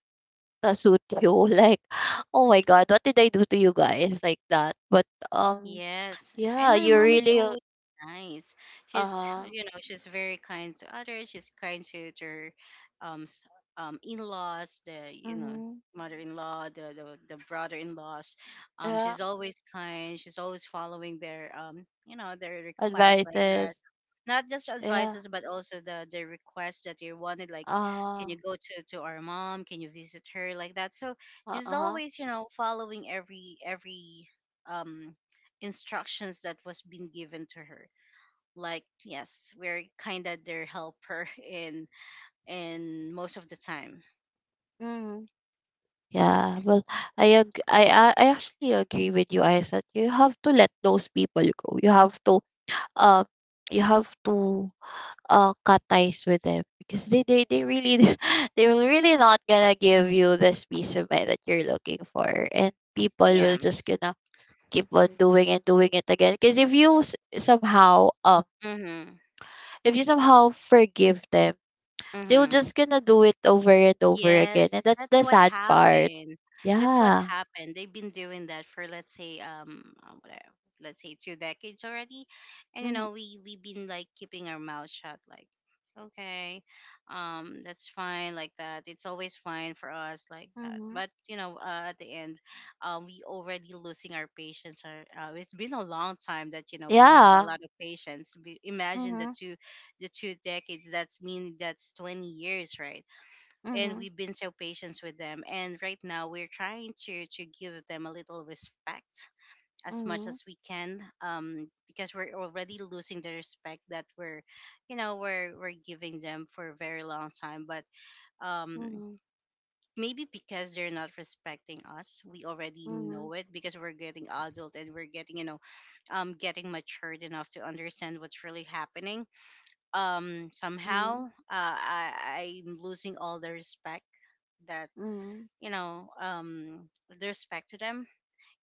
[SPEAKER 2] suit you. Like, oh my God, what did I do to you guys like that? But um,
[SPEAKER 1] Yes, and
[SPEAKER 2] yeah,
[SPEAKER 1] my
[SPEAKER 2] you
[SPEAKER 1] mom is
[SPEAKER 2] really
[SPEAKER 1] always nice. She's
[SPEAKER 2] uh,
[SPEAKER 1] you know she's very kind to others. She's kind to her um s- in laws, the
[SPEAKER 2] mm-hmm,
[SPEAKER 1] mother-in-law, the brother-in-laws.
[SPEAKER 2] yeah,
[SPEAKER 1] She's always kind. She's always following their their requests like that.
[SPEAKER 2] advices,
[SPEAKER 1] Not just
[SPEAKER 2] yeah,
[SPEAKER 1] advices but also the request that you wanted, like, can
[SPEAKER 2] uh,
[SPEAKER 1] you go to our mom, can you visit her, like that. So
[SPEAKER 2] uh
[SPEAKER 1] just
[SPEAKER 2] huh,
[SPEAKER 1] always following every um instructions that was being given to her, like, yes, we're kind of their helper in most of the time.
[SPEAKER 2] mm-hmm. Yeah, well, I actually agree with you, I said you have to let those people go. Um you have to cut ties with them because they really they will really not gonna give you this peace of mind that you're looking for, and people will
[SPEAKER 1] Yeah.
[SPEAKER 2] just gonna keep on doing and doing it again because
[SPEAKER 1] Mhm.
[SPEAKER 2] if you somehow forgive them, they'll
[SPEAKER 1] Mhm.
[SPEAKER 2] just gonna do it over and over again,
[SPEAKER 1] Yes,
[SPEAKER 2] and that's
[SPEAKER 1] that's
[SPEAKER 2] the
[SPEAKER 1] what
[SPEAKER 2] sad part.
[SPEAKER 1] happened. That's what
[SPEAKER 2] Yeah,
[SPEAKER 1] happened. They've been doing that for, let's say, whatever, let's say 2 decades already, and
[SPEAKER 2] mhm.
[SPEAKER 1] we've been like keeping our mouth shut, like okay, that's fine like that. It's always fine for us like that.
[SPEAKER 2] Mhm.
[SPEAKER 1] But at the end, we already losing our patience. Or, it's been a long time that we have a
[SPEAKER 2] Yeah.
[SPEAKER 1] lot of patience. Imagine the
[SPEAKER 2] Mhm.
[SPEAKER 1] two the 2 decades. That's mean that's 20 years, right? And
[SPEAKER 2] Mhm.
[SPEAKER 1] we've been so patient with them, and right now we're trying to give them a little respect as much
[SPEAKER 2] Mhm.
[SPEAKER 1] as we can, because we're already losing the respect that we're you know we're giving them for a very long time. But um
[SPEAKER 2] Mhm.
[SPEAKER 1] maybe because they're not respecting us, we already
[SPEAKER 2] Mhm.
[SPEAKER 1] know it, because we're getting adult and we're getting getting matured enough to understand what's really happening. um somehow
[SPEAKER 2] Mhm.
[SPEAKER 1] uh, i i'm losing all the respect that
[SPEAKER 2] Mhm.
[SPEAKER 1] with respect to them,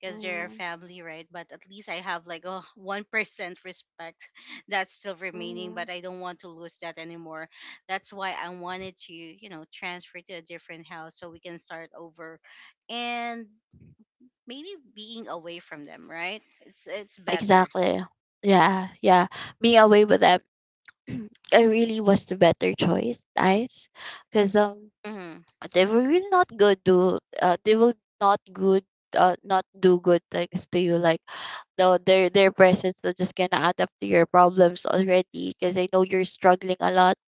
[SPEAKER 1] because they're a
[SPEAKER 2] Mhm.
[SPEAKER 1] family, right? But at least I have like a 1% respect that's still remaining,
[SPEAKER 2] Mhm.
[SPEAKER 1] but I don't want to lose that anymore. That's why I wanted to transfer to a different house so we can start over, and maybe being away from them, right, it's better.
[SPEAKER 2] Exactly. Yeah. Yeah. Being away with them, I really was the better choice, guys. Because.
[SPEAKER 1] Mm-hmm.
[SPEAKER 2] They will really not go do they will not good not do good things to you, like though their presence is just gonna add up to your problems already because I know you're struggling a lot.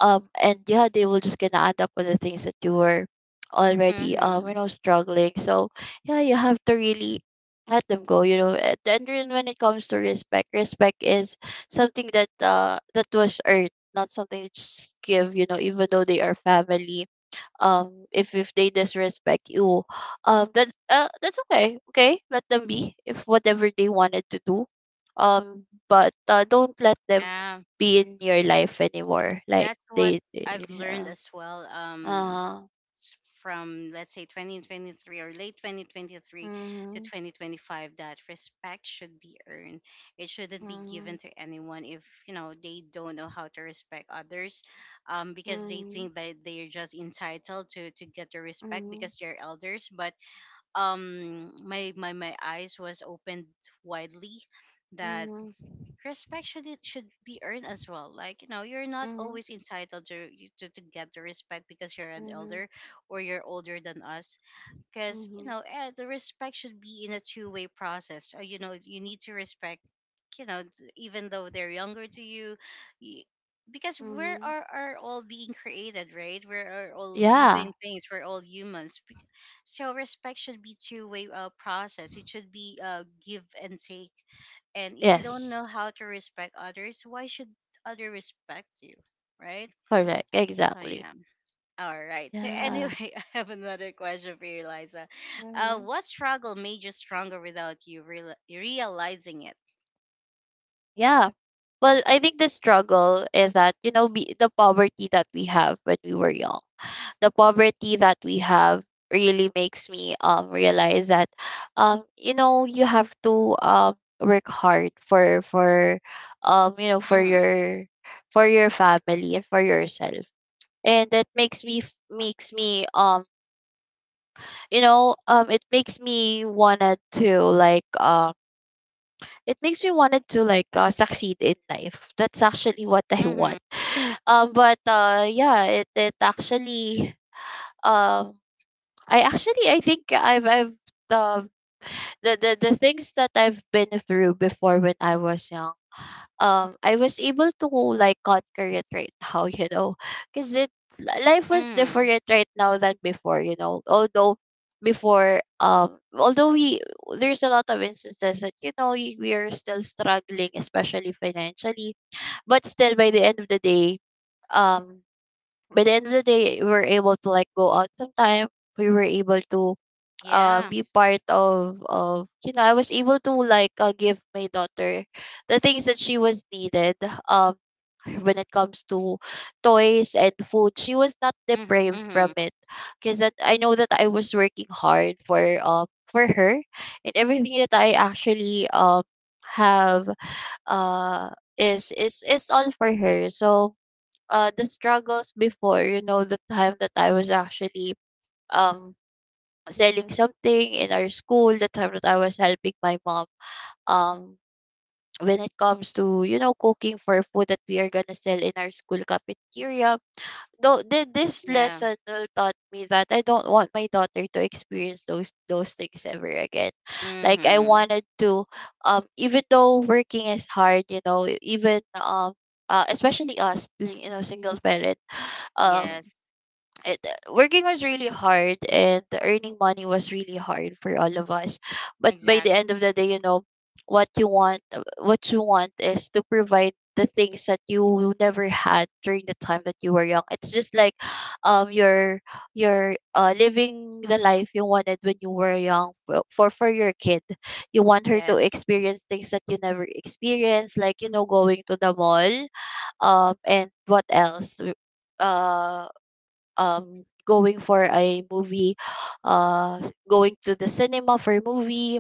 [SPEAKER 2] And yeah, they will just gonna add up on the things that you were already,
[SPEAKER 1] Mm-hmm.
[SPEAKER 2] struggling. So yeah, you have to really let them go, you know. And then when it comes to respect, respect is something that that was earned, not something that you just give, you know, even though they are family. If they disrespect you, that's okay. Okay, let them be, if whatever they wanted to do. But Don't let them
[SPEAKER 1] Yeah.
[SPEAKER 2] be in your life anymore, like
[SPEAKER 1] That's what
[SPEAKER 2] they
[SPEAKER 1] I've learned as well.
[SPEAKER 2] uh
[SPEAKER 1] S- from let's say 2023 or late 2023 to
[SPEAKER 2] mm-hmm,
[SPEAKER 1] 2025, that respect should be earned. It shouldn't be
[SPEAKER 2] mm-hmm,
[SPEAKER 1] given to anyone if they don't know how to respect others, because they
[SPEAKER 2] mm-hmm,
[SPEAKER 1] think that they're just entitled to get the respect
[SPEAKER 2] mm-hmm,
[SPEAKER 1] because they're elders. But my eyes was opened widely that
[SPEAKER 2] mm-hmm,
[SPEAKER 1] respect should it should be earned as well, like, you're not
[SPEAKER 2] mm-hmm,
[SPEAKER 1] always entitled to get the respect because you're an
[SPEAKER 2] mm-hmm,
[SPEAKER 1] elder or you're older than us. Because
[SPEAKER 2] mm-hmm.
[SPEAKER 1] the respect should be in a two-way process. You need to respect, even though they're younger to you, y- because we
[SPEAKER 2] Mm-hmm.
[SPEAKER 1] are, all being created, right? We're all
[SPEAKER 2] Yeah,
[SPEAKER 1] living things, we're all humans. So respect should be two-way, process, it should be, give and take. And if you don't know
[SPEAKER 2] yes,
[SPEAKER 1] how to respect others, why should other respect you? Right?
[SPEAKER 2] correct,
[SPEAKER 1] Oh
[SPEAKER 2] exactly.
[SPEAKER 1] yeah. All right. So anyway,
[SPEAKER 2] Yeah.
[SPEAKER 1] I have another question for you, Liza.
[SPEAKER 2] Mm-hmm.
[SPEAKER 1] What struggle made you stronger without you realizing it?
[SPEAKER 2] Yeah. Well, I think the struggle is that, you know, the poverty that we have when we were young, the poverty that we have really makes me realize that, you have to, work hard for for um you know, for
[SPEAKER 1] Mhm.
[SPEAKER 2] your for your family and for yourself. And that makes makes me, it makes me wanna to, like, it makes me wanted to, like, succeed in life. That's actually what I
[SPEAKER 1] Mhm.
[SPEAKER 2] want. But Yeah, it actually, um I actually, i think i've i've um, the things that I've been through before when I was young, I was able to like conquer it right now, you know, because life was
[SPEAKER 1] Mhm.
[SPEAKER 2] different right now than before, you know. Although before, although we there's a lot of instances that, you know, we are still struggling, especially financially, but still, by the end of the day, um, by the end of the day, we were able to like go out sometime. We were able to,
[SPEAKER 1] Yeah.
[SPEAKER 2] be part of you know, I was able to, like, give my daughter the things that she was needed, um when it comes to toys and food. She was not
[SPEAKER 1] Mhm.
[SPEAKER 2] deprived from
[SPEAKER 1] Mhm.
[SPEAKER 2] it, because that I know that I was working hard for, for her. And everything that I actually, have, uh is is all for her. So the struggles before, you know, the time that I was actually, um selling something in our school, the time that I was helping my mom, um when it comes to, you know, cooking for food that we are gonna sell in our school cafeteria. Though this
[SPEAKER 1] Yeah.
[SPEAKER 2] lesson, taught me that I don't want my daughter to experience those things ever again. Like, I
[SPEAKER 1] Mhm.
[SPEAKER 2] wanted to, even though working is hard, you know, even, especially us, you know, single parent, um
[SPEAKER 1] Yes.
[SPEAKER 2] it, working was really hard, and earning money was really hard for all of us. But by the
[SPEAKER 1] Exactly.
[SPEAKER 2] end of the day, you know, what you want, what you want is to provide the things that you never had during the time that you were young. It's just like, you're, you're living the life you wanted when you were young for for your kid. You want her to
[SPEAKER 1] Yes.
[SPEAKER 2] experience things that you never experienced, like, you know, going to the mall, and what else, uh going for a movie, going to the cinema for movie,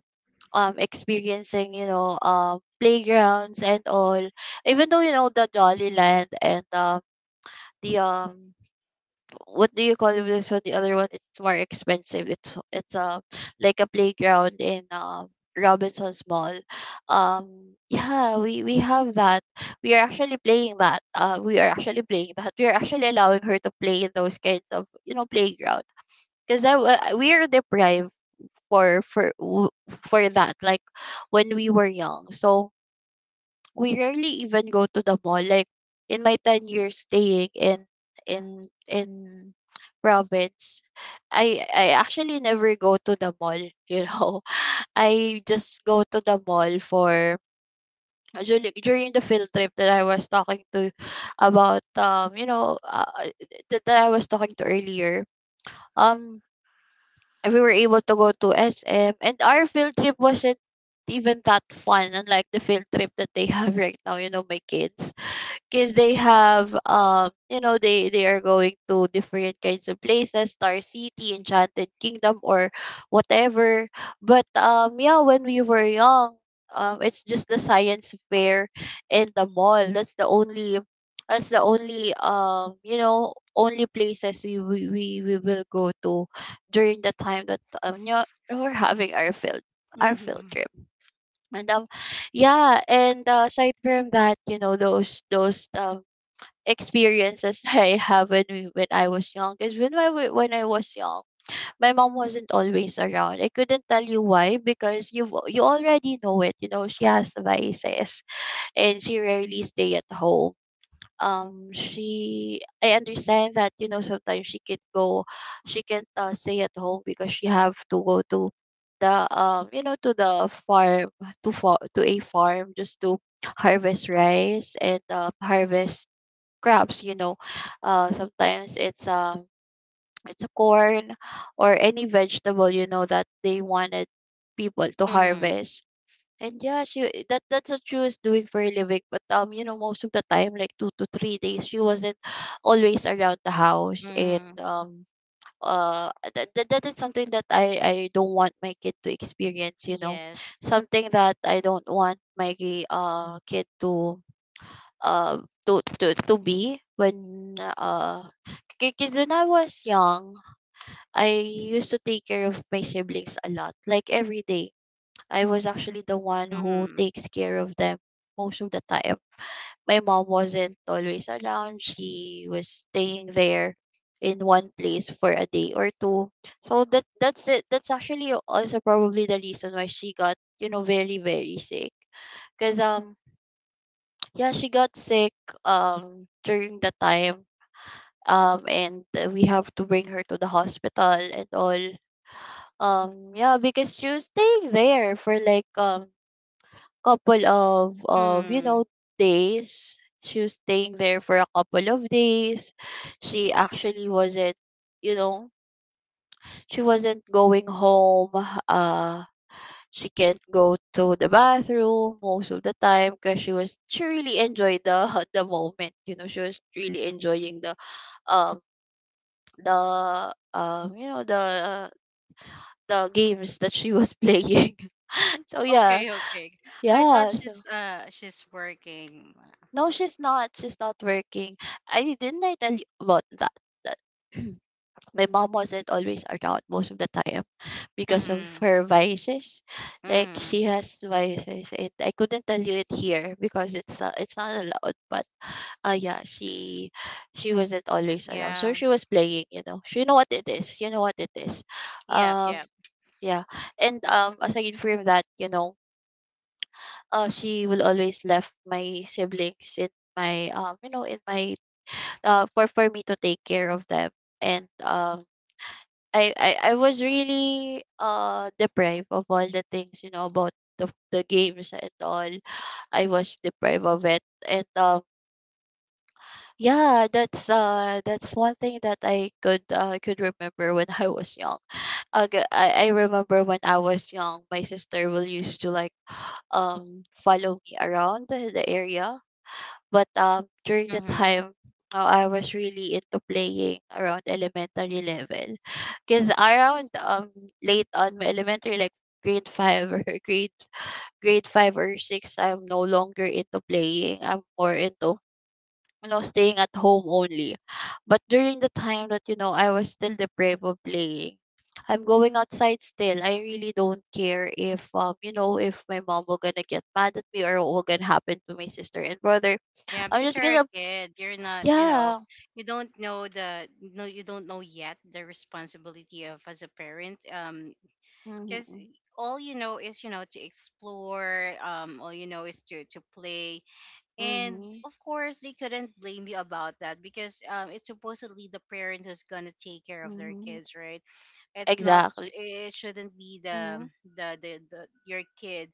[SPEAKER 2] experiencing, you know, playgrounds and all. Even though, you know, the jolly land, and um the um, what do you call it, this one, the other one, it's more expensive. It's, like a playground in, Robinson's Mall. Yeah, we have that. We are actually playing that, we are actually allowing her to play in those kinds of, you know, playgrounds, because we are deprived for for that, like, when we were young. So we rarely even go to the mall, like, in my 10 years staying in in province, I actually never go to the mall, you know. I just go to the mall for during the field trip that I was talking to about, that I was talking to earlier, um and we were able to go to SM. And our field trip wasn't even that fun, unlike the field trip that they have right now, you know, my kids, because they have, they are going to different kinds of places — Star City, Enchanted Kingdom, or whatever. But yeah, when we were young, it's just the science fair and the mall. That's the only, only places we will go to during the time that, we're having our field
[SPEAKER 1] Mhm.
[SPEAKER 2] trip. And yeah. And aside from that, you know, those experiences I have when I was young. Because when I was young, my mom wasn't always around. I couldn't tell you why because you already know it. You know she has vices, and she rarely stay at home. She I understand that, you know, sometimes she can't, stay at home because she have to go to the, to the farm, to a farm, just to harvest rice and, harvest crops, you know. Sometimes it's, it's a corn or any vegetable, you know, that they wanted people to
[SPEAKER 1] Mhm.
[SPEAKER 2] harvest. And yeah, she that's what she was doing for a living. But, you know, most of the time, like 2 to 3 days, she wasn't always around the house. And
[SPEAKER 1] Mhm.
[SPEAKER 2] that is something that I don't want my kid to experience, you know.
[SPEAKER 1] Yes.
[SPEAKER 2] Something that I don't want my, kid to, to be when, because when I was young, I used to take care of my siblings a lot, like every day. I was actually the one who
[SPEAKER 1] Mhm.
[SPEAKER 2] takes care of them most of the time. My mom wasn't always around. She was staying there in one place for a day or two. So that that's it. That's actually also probably the reason why she got, you know, very very sick. Cuz yeah, she got sick, during the time, and we have to bring her to the hospital and all. Yeah, because she was staying there for like, couple of you
[SPEAKER 1] Mhm.
[SPEAKER 2] know, days. She was staying there for a couple of days. She actually wasn't, you know, she wasn't going home, uh she can't go to the bathroom most of the time, because she really enjoyed the the moment. You know, she was really enjoying the, um the um you know the the games that she was playing. so yeah,
[SPEAKER 1] Okay, okay. I thought
[SPEAKER 2] yeah. So
[SPEAKER 1] she's she's working.
[SPEAKER 2] no, she's not. She's not working. I didn't I tell you about that, that my mom wasn't always around most of the time because of
[SPEAKER 1] Mm-hmm.
[SPEAKER 2] her vices. Like,
[SPEAKER 1] Mm-hmm.
[SPEAKER 2] she has vices, and I couldn't tell you it here because it's not allowed. But yeah, she wasn't always around, so
[SPEAKER 1] Yeah.
[SPEAKER 2] she was playing. You know, she know what it is. You know what it is.
[SPEAKER 1] Yep,
[SPEAKER 2] Um,
[SPEAKER 1] yep.
[SPEAKER 2] yeah. And aside from that, you know, she will always left my siblings in my, for me to take care of them. And I was really, deprived of all the things, you know, about the games and all. I was deprived of it. And yeah, that's one thing that I could remember when I was young. Okay, I remember when I was young, my sister will used to like, follow me around the area. But, during the
[SPEAKER 1] Mm-hmm.
[SPEAKER 2] time, I was really into playing around elementary level. Because around, late on my elementary, like grade five or grade five or six, I'm no longer into playing. I'm more into, you know, staying at home only. But during the time that, you know, I was still deprived of playing, I'm going outside still. I really don't care if, if my mom will gonna get mad at me, or what will gonna happen to my sister and brother.
[SPEAKER 1] Yeah,
[SPEAKER 2] I'm
[SPEAKER 1] because
[SPEAKER 2] just
[SPEAKER 1] you're a
[SPEAKER 2] gonna,
[SPEAKER 1] kid, you're not,
[SPEAKER 2] yeah.
[SPEAKER 1] you don't know the no, you don't know yet the responsibility of as a parent. Because
[SPEAKER 2] Mhm.
[SPEAKER 1] all you know is, to explore, all you know is to play. And
[SPEAKER 2] Mhm.
[SPEAKER 1] of course, they couldn't blame you about that because it's supposedly the parent who's going to take care of their
[SPEAKER 2] Mhm.
[SPEAKER 1] kids, right? It's not,
[SPEAKER 2] Exactly.
[SPEAKER 1] it shouldn't be the
[SPEAKER 2] Mhm.
[SPEAKER 1] the, the the your kid,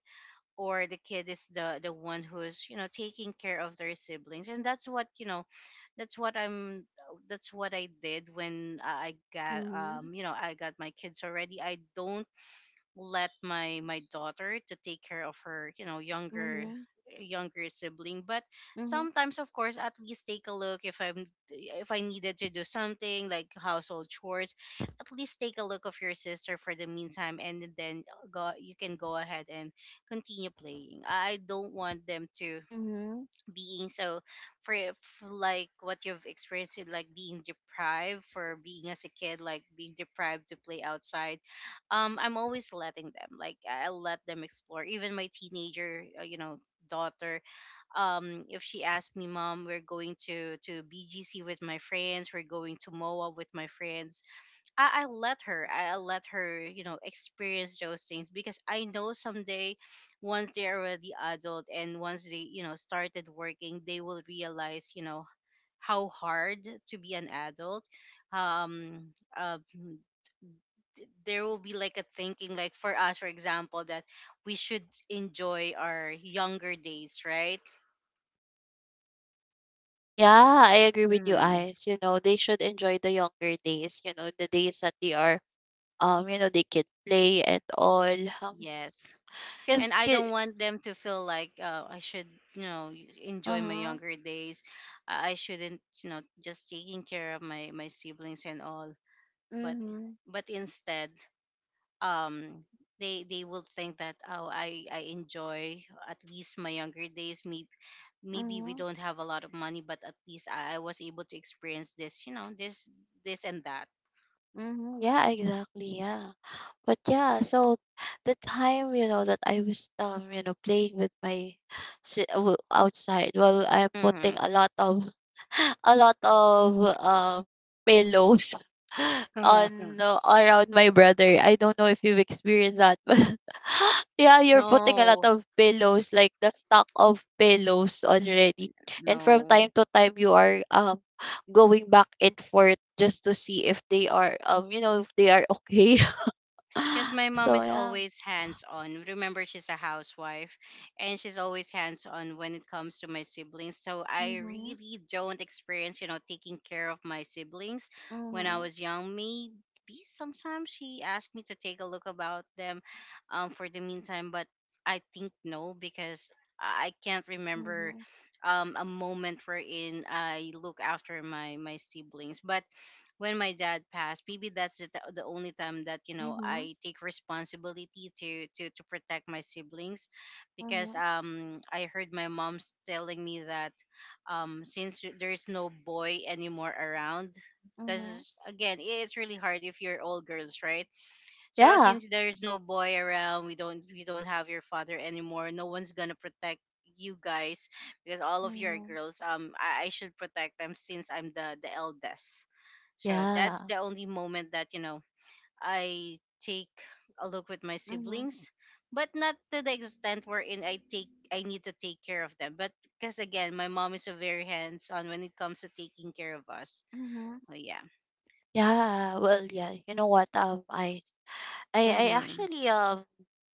[SPEAKER 1] or the kid is the one who's taking care of their siblings. And that's what you know that's what I'm that's what I did when I got
[SPEAKER 2] Mhm.
[SPEAKER 1] I got my kids already. I don't let my daughter to take care of her younger
[SPEAKER 2] Mhm.
[SPEAKER 1] younger sibling. But
[SPEAKER 2] Mhm.
[SPEAKER 1] sometimes, of course, at least take a look if I'm if I needed to do something like household chores, at least take a look of your sister for the meantime, and then go you can go ahead and continue playing. I don't want them to
[SPEAKER 2] Mhm.
[SPEAKER 1] being so, for, for, like, what you've experienced in, like, being deprived for being as a kid, like being deprived to play outside. I'm always letting them, like, I let them explore. Even my teenager, daughter, if she asked me, mom, we're going to BGC with my friends, we're going to MOA with my friends, I let her. I let her, you know, experience those things because I know someday, once they're already adult and once they, started working, they will realize, how hard to be an adult. Um, uh, mm, there will be like a thinking, like, for us, for example, that we should enjoy our younger days, right?
[SPEAKER 2] Yeah, I agree with you,
[SPEAKER 1] Hmm.
[SPEAKER 2] Eyes. You know, they should enjoy the younger days. You know, the days that they are, you know, they can play and all. Um,
[SPEAKER 1] Yes. And
[SPEAKER 2] cause,
[SPEAKER 1] I don't
[SPEAKER 2] ki-
[SPEAKER 1] want them to feel like I should,
[SPEAKER 2] uh
[SPEAKER 1] enjoy my
[SPEAKER 2] huh.
[SPEAKER 1] younger days. I shouldn't, just taking care of my siblings and all. But
[SPEAKER 2] Mhm.
[SPEAKER 1] instead, um, they will think that, oh, I enjoy at least my younger days. Maybe we
[SPEAKER 2] Mhm.
[SPEAKER 1] don't have a lot of money, but at least I was able to experience this, you know, this and that.
[SPEAKER 2] Mhm. Yeah, exactly. Yeah. But yeah, so the time, you know, that I was, playing with my outside, well, I'm
[SPEAKER 1] Hmm.
[SPEAKER 2] putting a lot of a lot of, um pillows on, around my brother. I don't know if you've experienced that, but yeah, you're putting a lot
[SPEAKER 1] No,
[SPEAKER 2] of pillows, like the stock of pillows already, and from
[SPEAKER 1] no.
[SPEAKER 2] time to time you are going back and forth just to see if they are if they are okay.
[SPEAKER 1] Because my mom
[SPEAKER 2] So
[SPEAKER 1] is
[SPEAKER 2] yeah.
[SPEAKER 1] always hands on. Remember, she's a housewife, and she's always hands on when it comes to my siblings. So I
[SPEAKER 2] Mhm.
[SPEAKER 1] really don't experience, taking care of my siblings when I
[SPEAKER 2] Mhm.
[SPEAKER 1] was young. Maybe sometimes she asked me to take a look about them, for the meantime, but I think no, because I can't remember,
[SPEAKER 2] Mhm.
[SPEAKER 1] a moment wherein I look after my siblings. But when my dad passed, maybe that's the only time that
[SPEAKER 2] Mhm.
[SPEAKER 1] I take responsibility to protect my siblings. Because
[SPEAKER 2] Mhm.
[SPEAKER 1] I heard my mom's telling me that, since there's no boy anymore around,
[SPEAKER 2] Mhm.
[SPEAKER 1] because again, it's really hard if you're all girls, right? So
[SPEAKER 2] Yeah.
[SPEAKER 1] since there's no boy around, we don't have your father anymore. No one's gonna protect you guys because all of you are
[SPEAKER 2] Mhm.
[SPEAKER 1] girls. I should protect them since I'm the eldest. So that's
[SPEAKER 2] Yeah.
[SPEAKER 1] the only moment that I take a look with my
[SPEAKER 2] Mhm.
[SPEAKER 1] siblings, but not to the extent wherein I need to take care of them. But because again, my mom is a very hands on when it comes to taking care of us.
[SPEAKER 2] Mhm.
[SPEAKER 1] Oh yeah.
[SPEAKER 2] Yeah. Well, yeah. You know what? I, I
[SPEAKER 1] Mhm.
[SPEAKER 2] actually, um,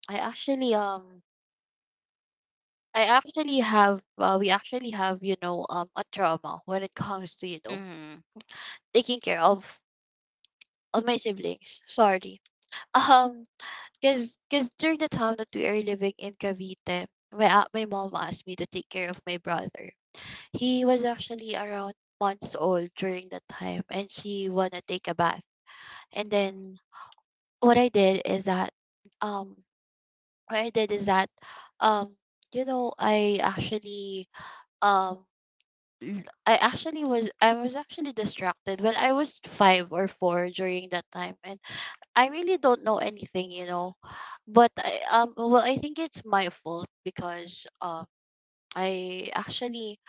[SPEAKER 2] I actually, um, I actually have. We actually have, a trauma when it comes to,
[SPEAKER 1] Mhm.
[SPEAKER 2] taking care of my siblings. Sorry. Um. Because cause during the time that we are living in Cavite, my, my mom asked me to take care of my brother. He was actually around months old during that time, and she wanna take a bath. And then what I did is that um what I did is that, um you know I actually um I actually was actually distracted. Well, I was five or four during that time, and I really don't know anything. But well, I think it's my fault because I actually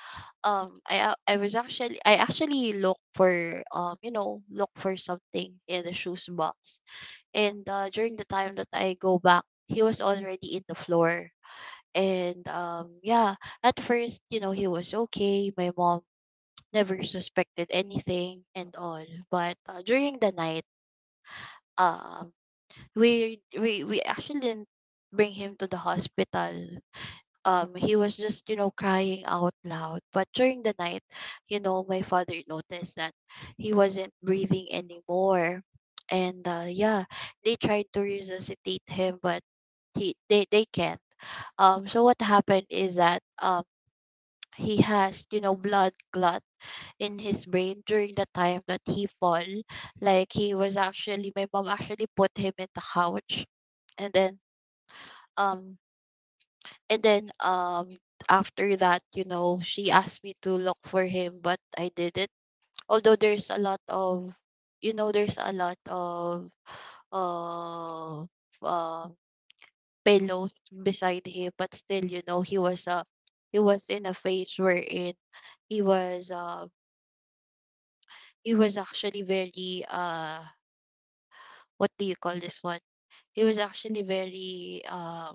[SPEAKER 2] I actually look for look for something in the shoes box. And during the time that I go back, he was already in the floor. And yeah, at first, he was okay. My mom never suspected anything and all. But during the night, um we actually didn't bring him to the hospital. He was just crying out loud. But during the night, my father noticed that he wasn't breathing anymore, and yeah, they tried to resuscitate him, but he they can't. So what happened is that he has blood clot in his brain during the time that he fall. Like, he was actually my mom actually put him in the couch, and um, then after that, she asked me to look for him, but I didn't. Although there's a lot of, uh, uh pillows beside him, but still, he was in a phase wherein he was uh, he was actually very what do you call this one? He was actually very uh,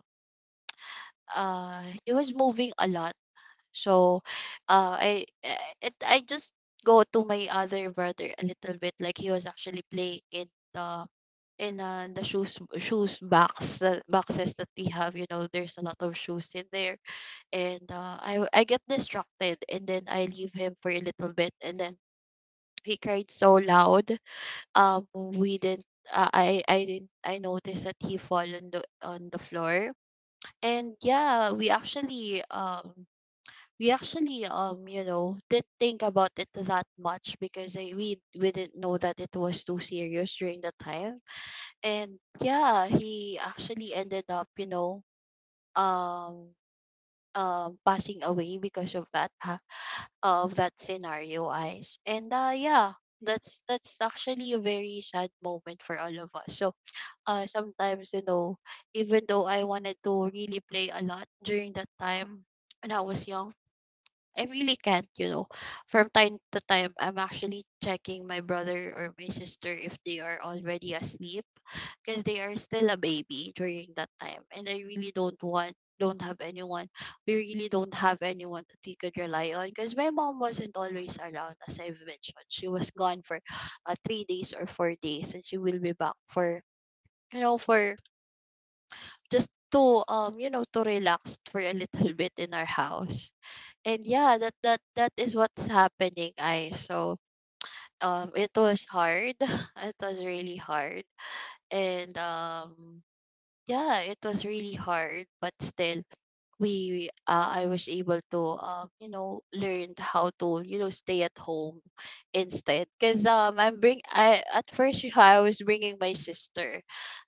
[SPEAKER 2] uh, he was moving a lot. So, I- it I just go to my other brother a little bit. Like, he was actually playing in the the shoes box, the boxes that we have. You know, there's a lot of shoes in there, and I get distracted, and then I leave him for a little bit, and then he cried so loud. We didn't. I didn't. I noticed that he fall on the floor, and yeah, we actually didn't think about it that much because I, we didn't know that it was too serious during the time. And yeah, he actually ended up um passing away because of that scenario, Eyes. And yeah, that's actually a very sad moment for all of us. So sometimes, even though I wanted to really play a lot during that time when I was young, I really can't. From time to time, I'm actually checking my brother or my sister if they are already asleep, because they are still a baby during that time. And I really don't have anyone. We really don't have anyone that we could rely on, because my mom wasn't always around, as I've mentioned. She was gone for 3 days or 4 days, and she will be back for, you know, for just to, to relax for a little bit in our house. And yeah, that is what's happening, I. So it was hard. It was really hard. And yeah, it was really hard, but still we I was able to learn how to stay at home instead, cuz I'm bring I at first, I was bringing my sister.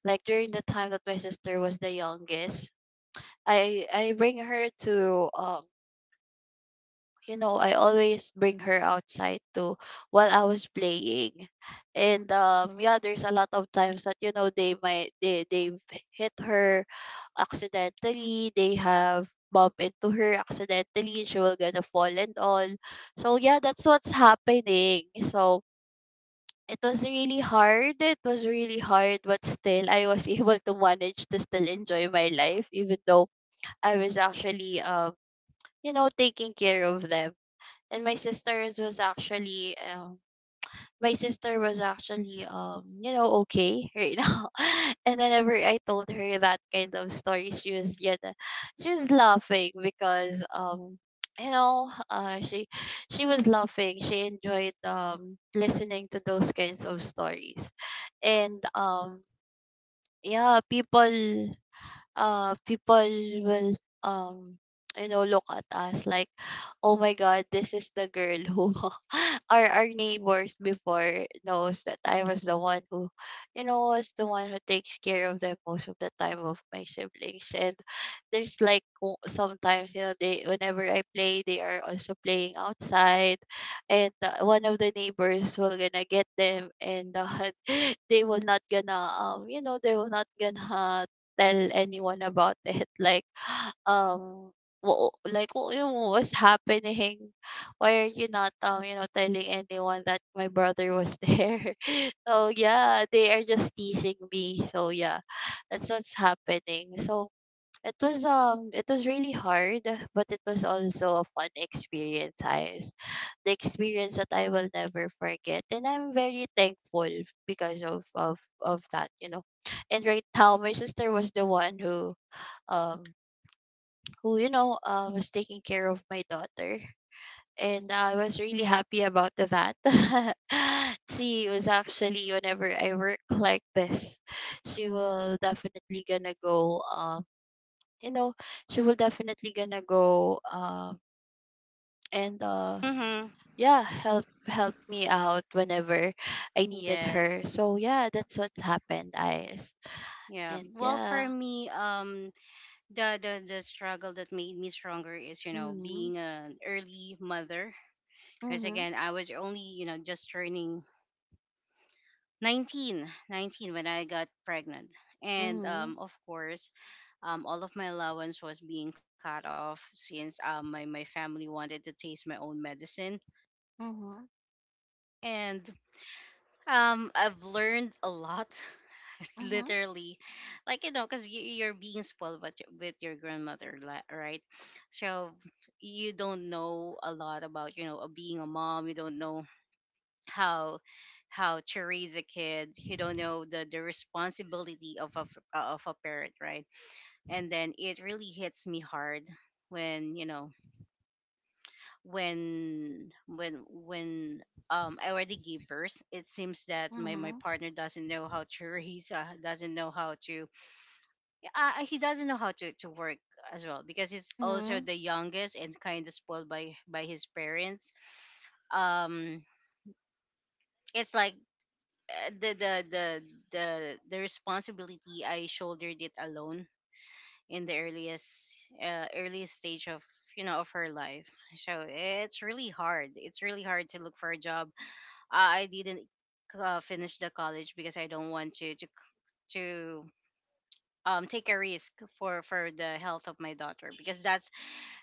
[SPEAKER 2] Like, during the time that my sister was the youngest, I bring her to um I always bring her outside to while I was playing. And yeah, there's a lot of times that they they've hit her accidentally, they have bump into her accidentally, she will gonna fall and all. So yeah, that's what's happening. So it was really hard. It was really hard, but still I was able to manage to still enjoy my life, even though I was actually taking care of them. And my sister was actually okay right now. And whenever I told her that kind of story, she was laughing, because you know uh she she was laughing. She enjoyed listening to those kinds of stories. And yeah, people, uh people will um look at us like, oh my god, this is the girl who. Our neighbors before knows that I was the one who you know was the one who takes care of them most of the time, of my siblings. And there's like, sometimes, they whenever I play, they are also playing outside. And one of the neighbors will gonna get them, and they will not gonna tell anyone about it. Like, um, what, was happening? Why are you not telling anyone that my brother was there? So yeah, they are just teasing me. So yeah, that's what's happening. So it was really hard, but it was also a fun experience, guys. The experience that I will never forget, and I'm very thankful because of that. And right now, my sister was the one who, um was taking care of my daughter, and I was really happy about that. She was actually, whenever I work like this, she will definitely gonna go um you know she will definitely gonna go, and
[SPEAKER 1] Mhm.
[SPEAKER 2] yeah, help me out whenever I needed her.
[SPEAKER 1] Yes.
[SPEAKER 2] So yeah, that's what's happened I
[SPEAKER 1] Yeah.
[SPEAKER 2] And
[SPEAKER 1] Well,
[SPEAKER 2] yeah.
[SPEAKER 1] for me, the struggle that made me stronger is,
[SPEAKER 2] Mm-hmm,
[SPEAKER 1] being an early mother. Because
[SPEAKER 2] mm-hmm,
[SPEAKER 1] again, I was only, just turning 19, 19 when I got pregnant. And
[SPEAKER 2] mm-hmm,
[SPEAKER 1] of course, all of my allowance was being cut off since, my family wanted to taste my own medicine.
[SPEAKER 2] mm-hmm,
[SPEAKER 1] And I've learned a lot,
[SPEAKER 2] mm-hmm,
[SPEAKER 1] literally, like, because you're being spoiled with your grandmother, right? So you don't know a lot about, being a mom. You don't know how how to raise a kid. You don't know the responsibility of a parent, right? And then it really hits me hard when you know when I already gave birth. It seems that my
[SPEAKER 2] mm-hmm.
[SPEAKER 1] partner doesn't know how to doesn't know he doesn't know how to work as well, because he's also
[SPEAKER 2] Hmm.
[SPEAKER 1] the youngest and kind of spoiled by his parents. Um, it's like uh, the the the the responsibility I shouldered it alone in the earliest stage of you know of her life. So it's really hard to look for a job. I didn't finish the college because I don't want to take a risk for the health of my daughter, because that's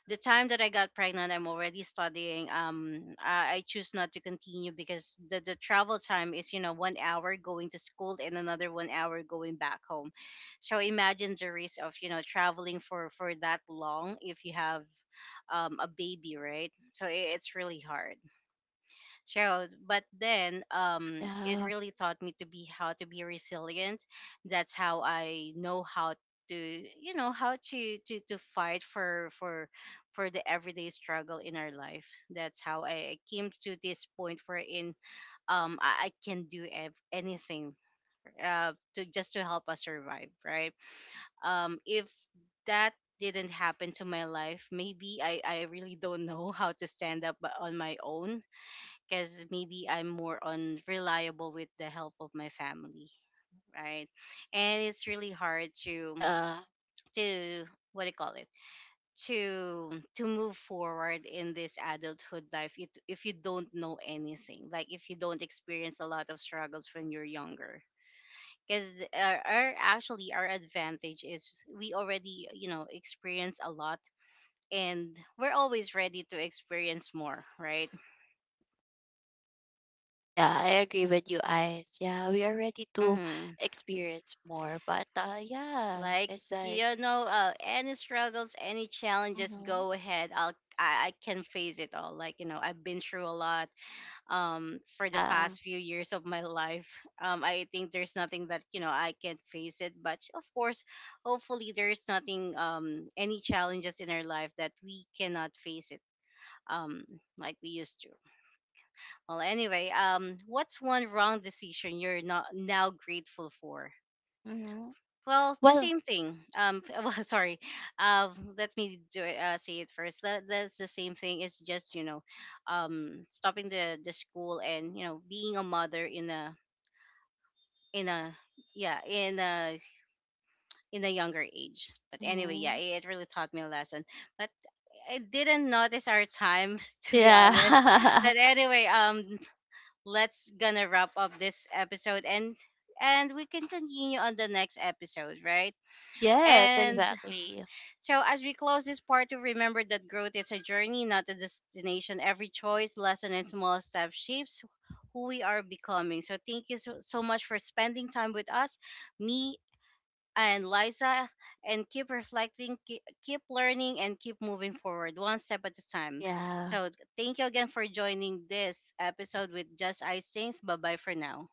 [SPEAKER 1] the time that I got pregnant. I'm already studying. I choose not to continue because the travel time is 1 hour going to school and another 1 hour going back home. So imagine the risk of traveling for that long if you have a baby, right? So it's really hard shows, but then it
[SPEAKER 2] Yeah,
[SPEAKER 1] really taught me to be how to be resilient. That's how I know how to you know how to fight for the everyday struggle in our life. That's how I came to this point wherein I can do anything to just to help us survive, right? If that didn't happen to my life, maybe I really don't know how to stand up on my own, because maybe I'm more on reliable with the help of my family, right? And it's really hard to
[SPEAKER 2] yeah,
[SPEAKER 1] to what do you call it, to to move forward in this adulthood life, if you don't know anything, like if you don't experience a lot of struggles when you're younger. Because our advantage is we already experience a lot, and we're always ready to experience more, right?
[SPEAKER 2] yeah, I agree with you, Eyes. Yeah, we are ready to
[SPEAKER 1] Mhm.
[SPEAKER 2] experience more, but yeah,
[SPEAKER 1] Like
[SPEAKER 2] it's like.
[SPEAKER 1] any struggles, any challenges,
[SPEAKER 2] Hmm.
[SPEAKER 1] go ahead. I can face it all. Like, I've been through a lot for the
[SPEAKER 2] Yeah.
[SPEAKER 1] past few years of my life. I think there's nothing that I can not face it. But of course, hopefully there is nothing any challenges in our life that we cannot face it. Um, like we used to. Well, anyway, what's one wrong decision you're not now grateful for?
[SPEAKER 2] Mm-hmm.
[SPEAKER 1] Well, the
[SPEAKER 2] Well,
[SPEAKER 1] same thing. Well, sorry. Let me say it first. That's the same thing. It's just, stopping the school and being a mother in a, yeah, in a younger age. But anyway, yeah,
[SPEAKER 2] mm-hmm.
[SPEAKER 1] it really taught me a lesson. But I didn't notice our time to be honest.
[SPEAKER 2] Yeah.
[SPEAKER 1] But anyway, let's gonna wrap up this episode and we can continue on the next episode, right?
[SPEAKER 2] Yes,
[SPEAKER 1] And
[SPEAKER 2] exactly.
[SPEAKER 1] so, as we close this part, to remember that growth is a journey, not a destination. Every choice, lesson, and small step shapes who we are becoming. So, thank you so, so much for spending time with us, me and Liza, and keep reflecting, keep, keep learning, and keep moving forward one step at a time.
[SPEAKER 2] Yeah.
[SPEAKER 1] So, thank you again for joining this episode with Just Ice Things. Bye bye for now.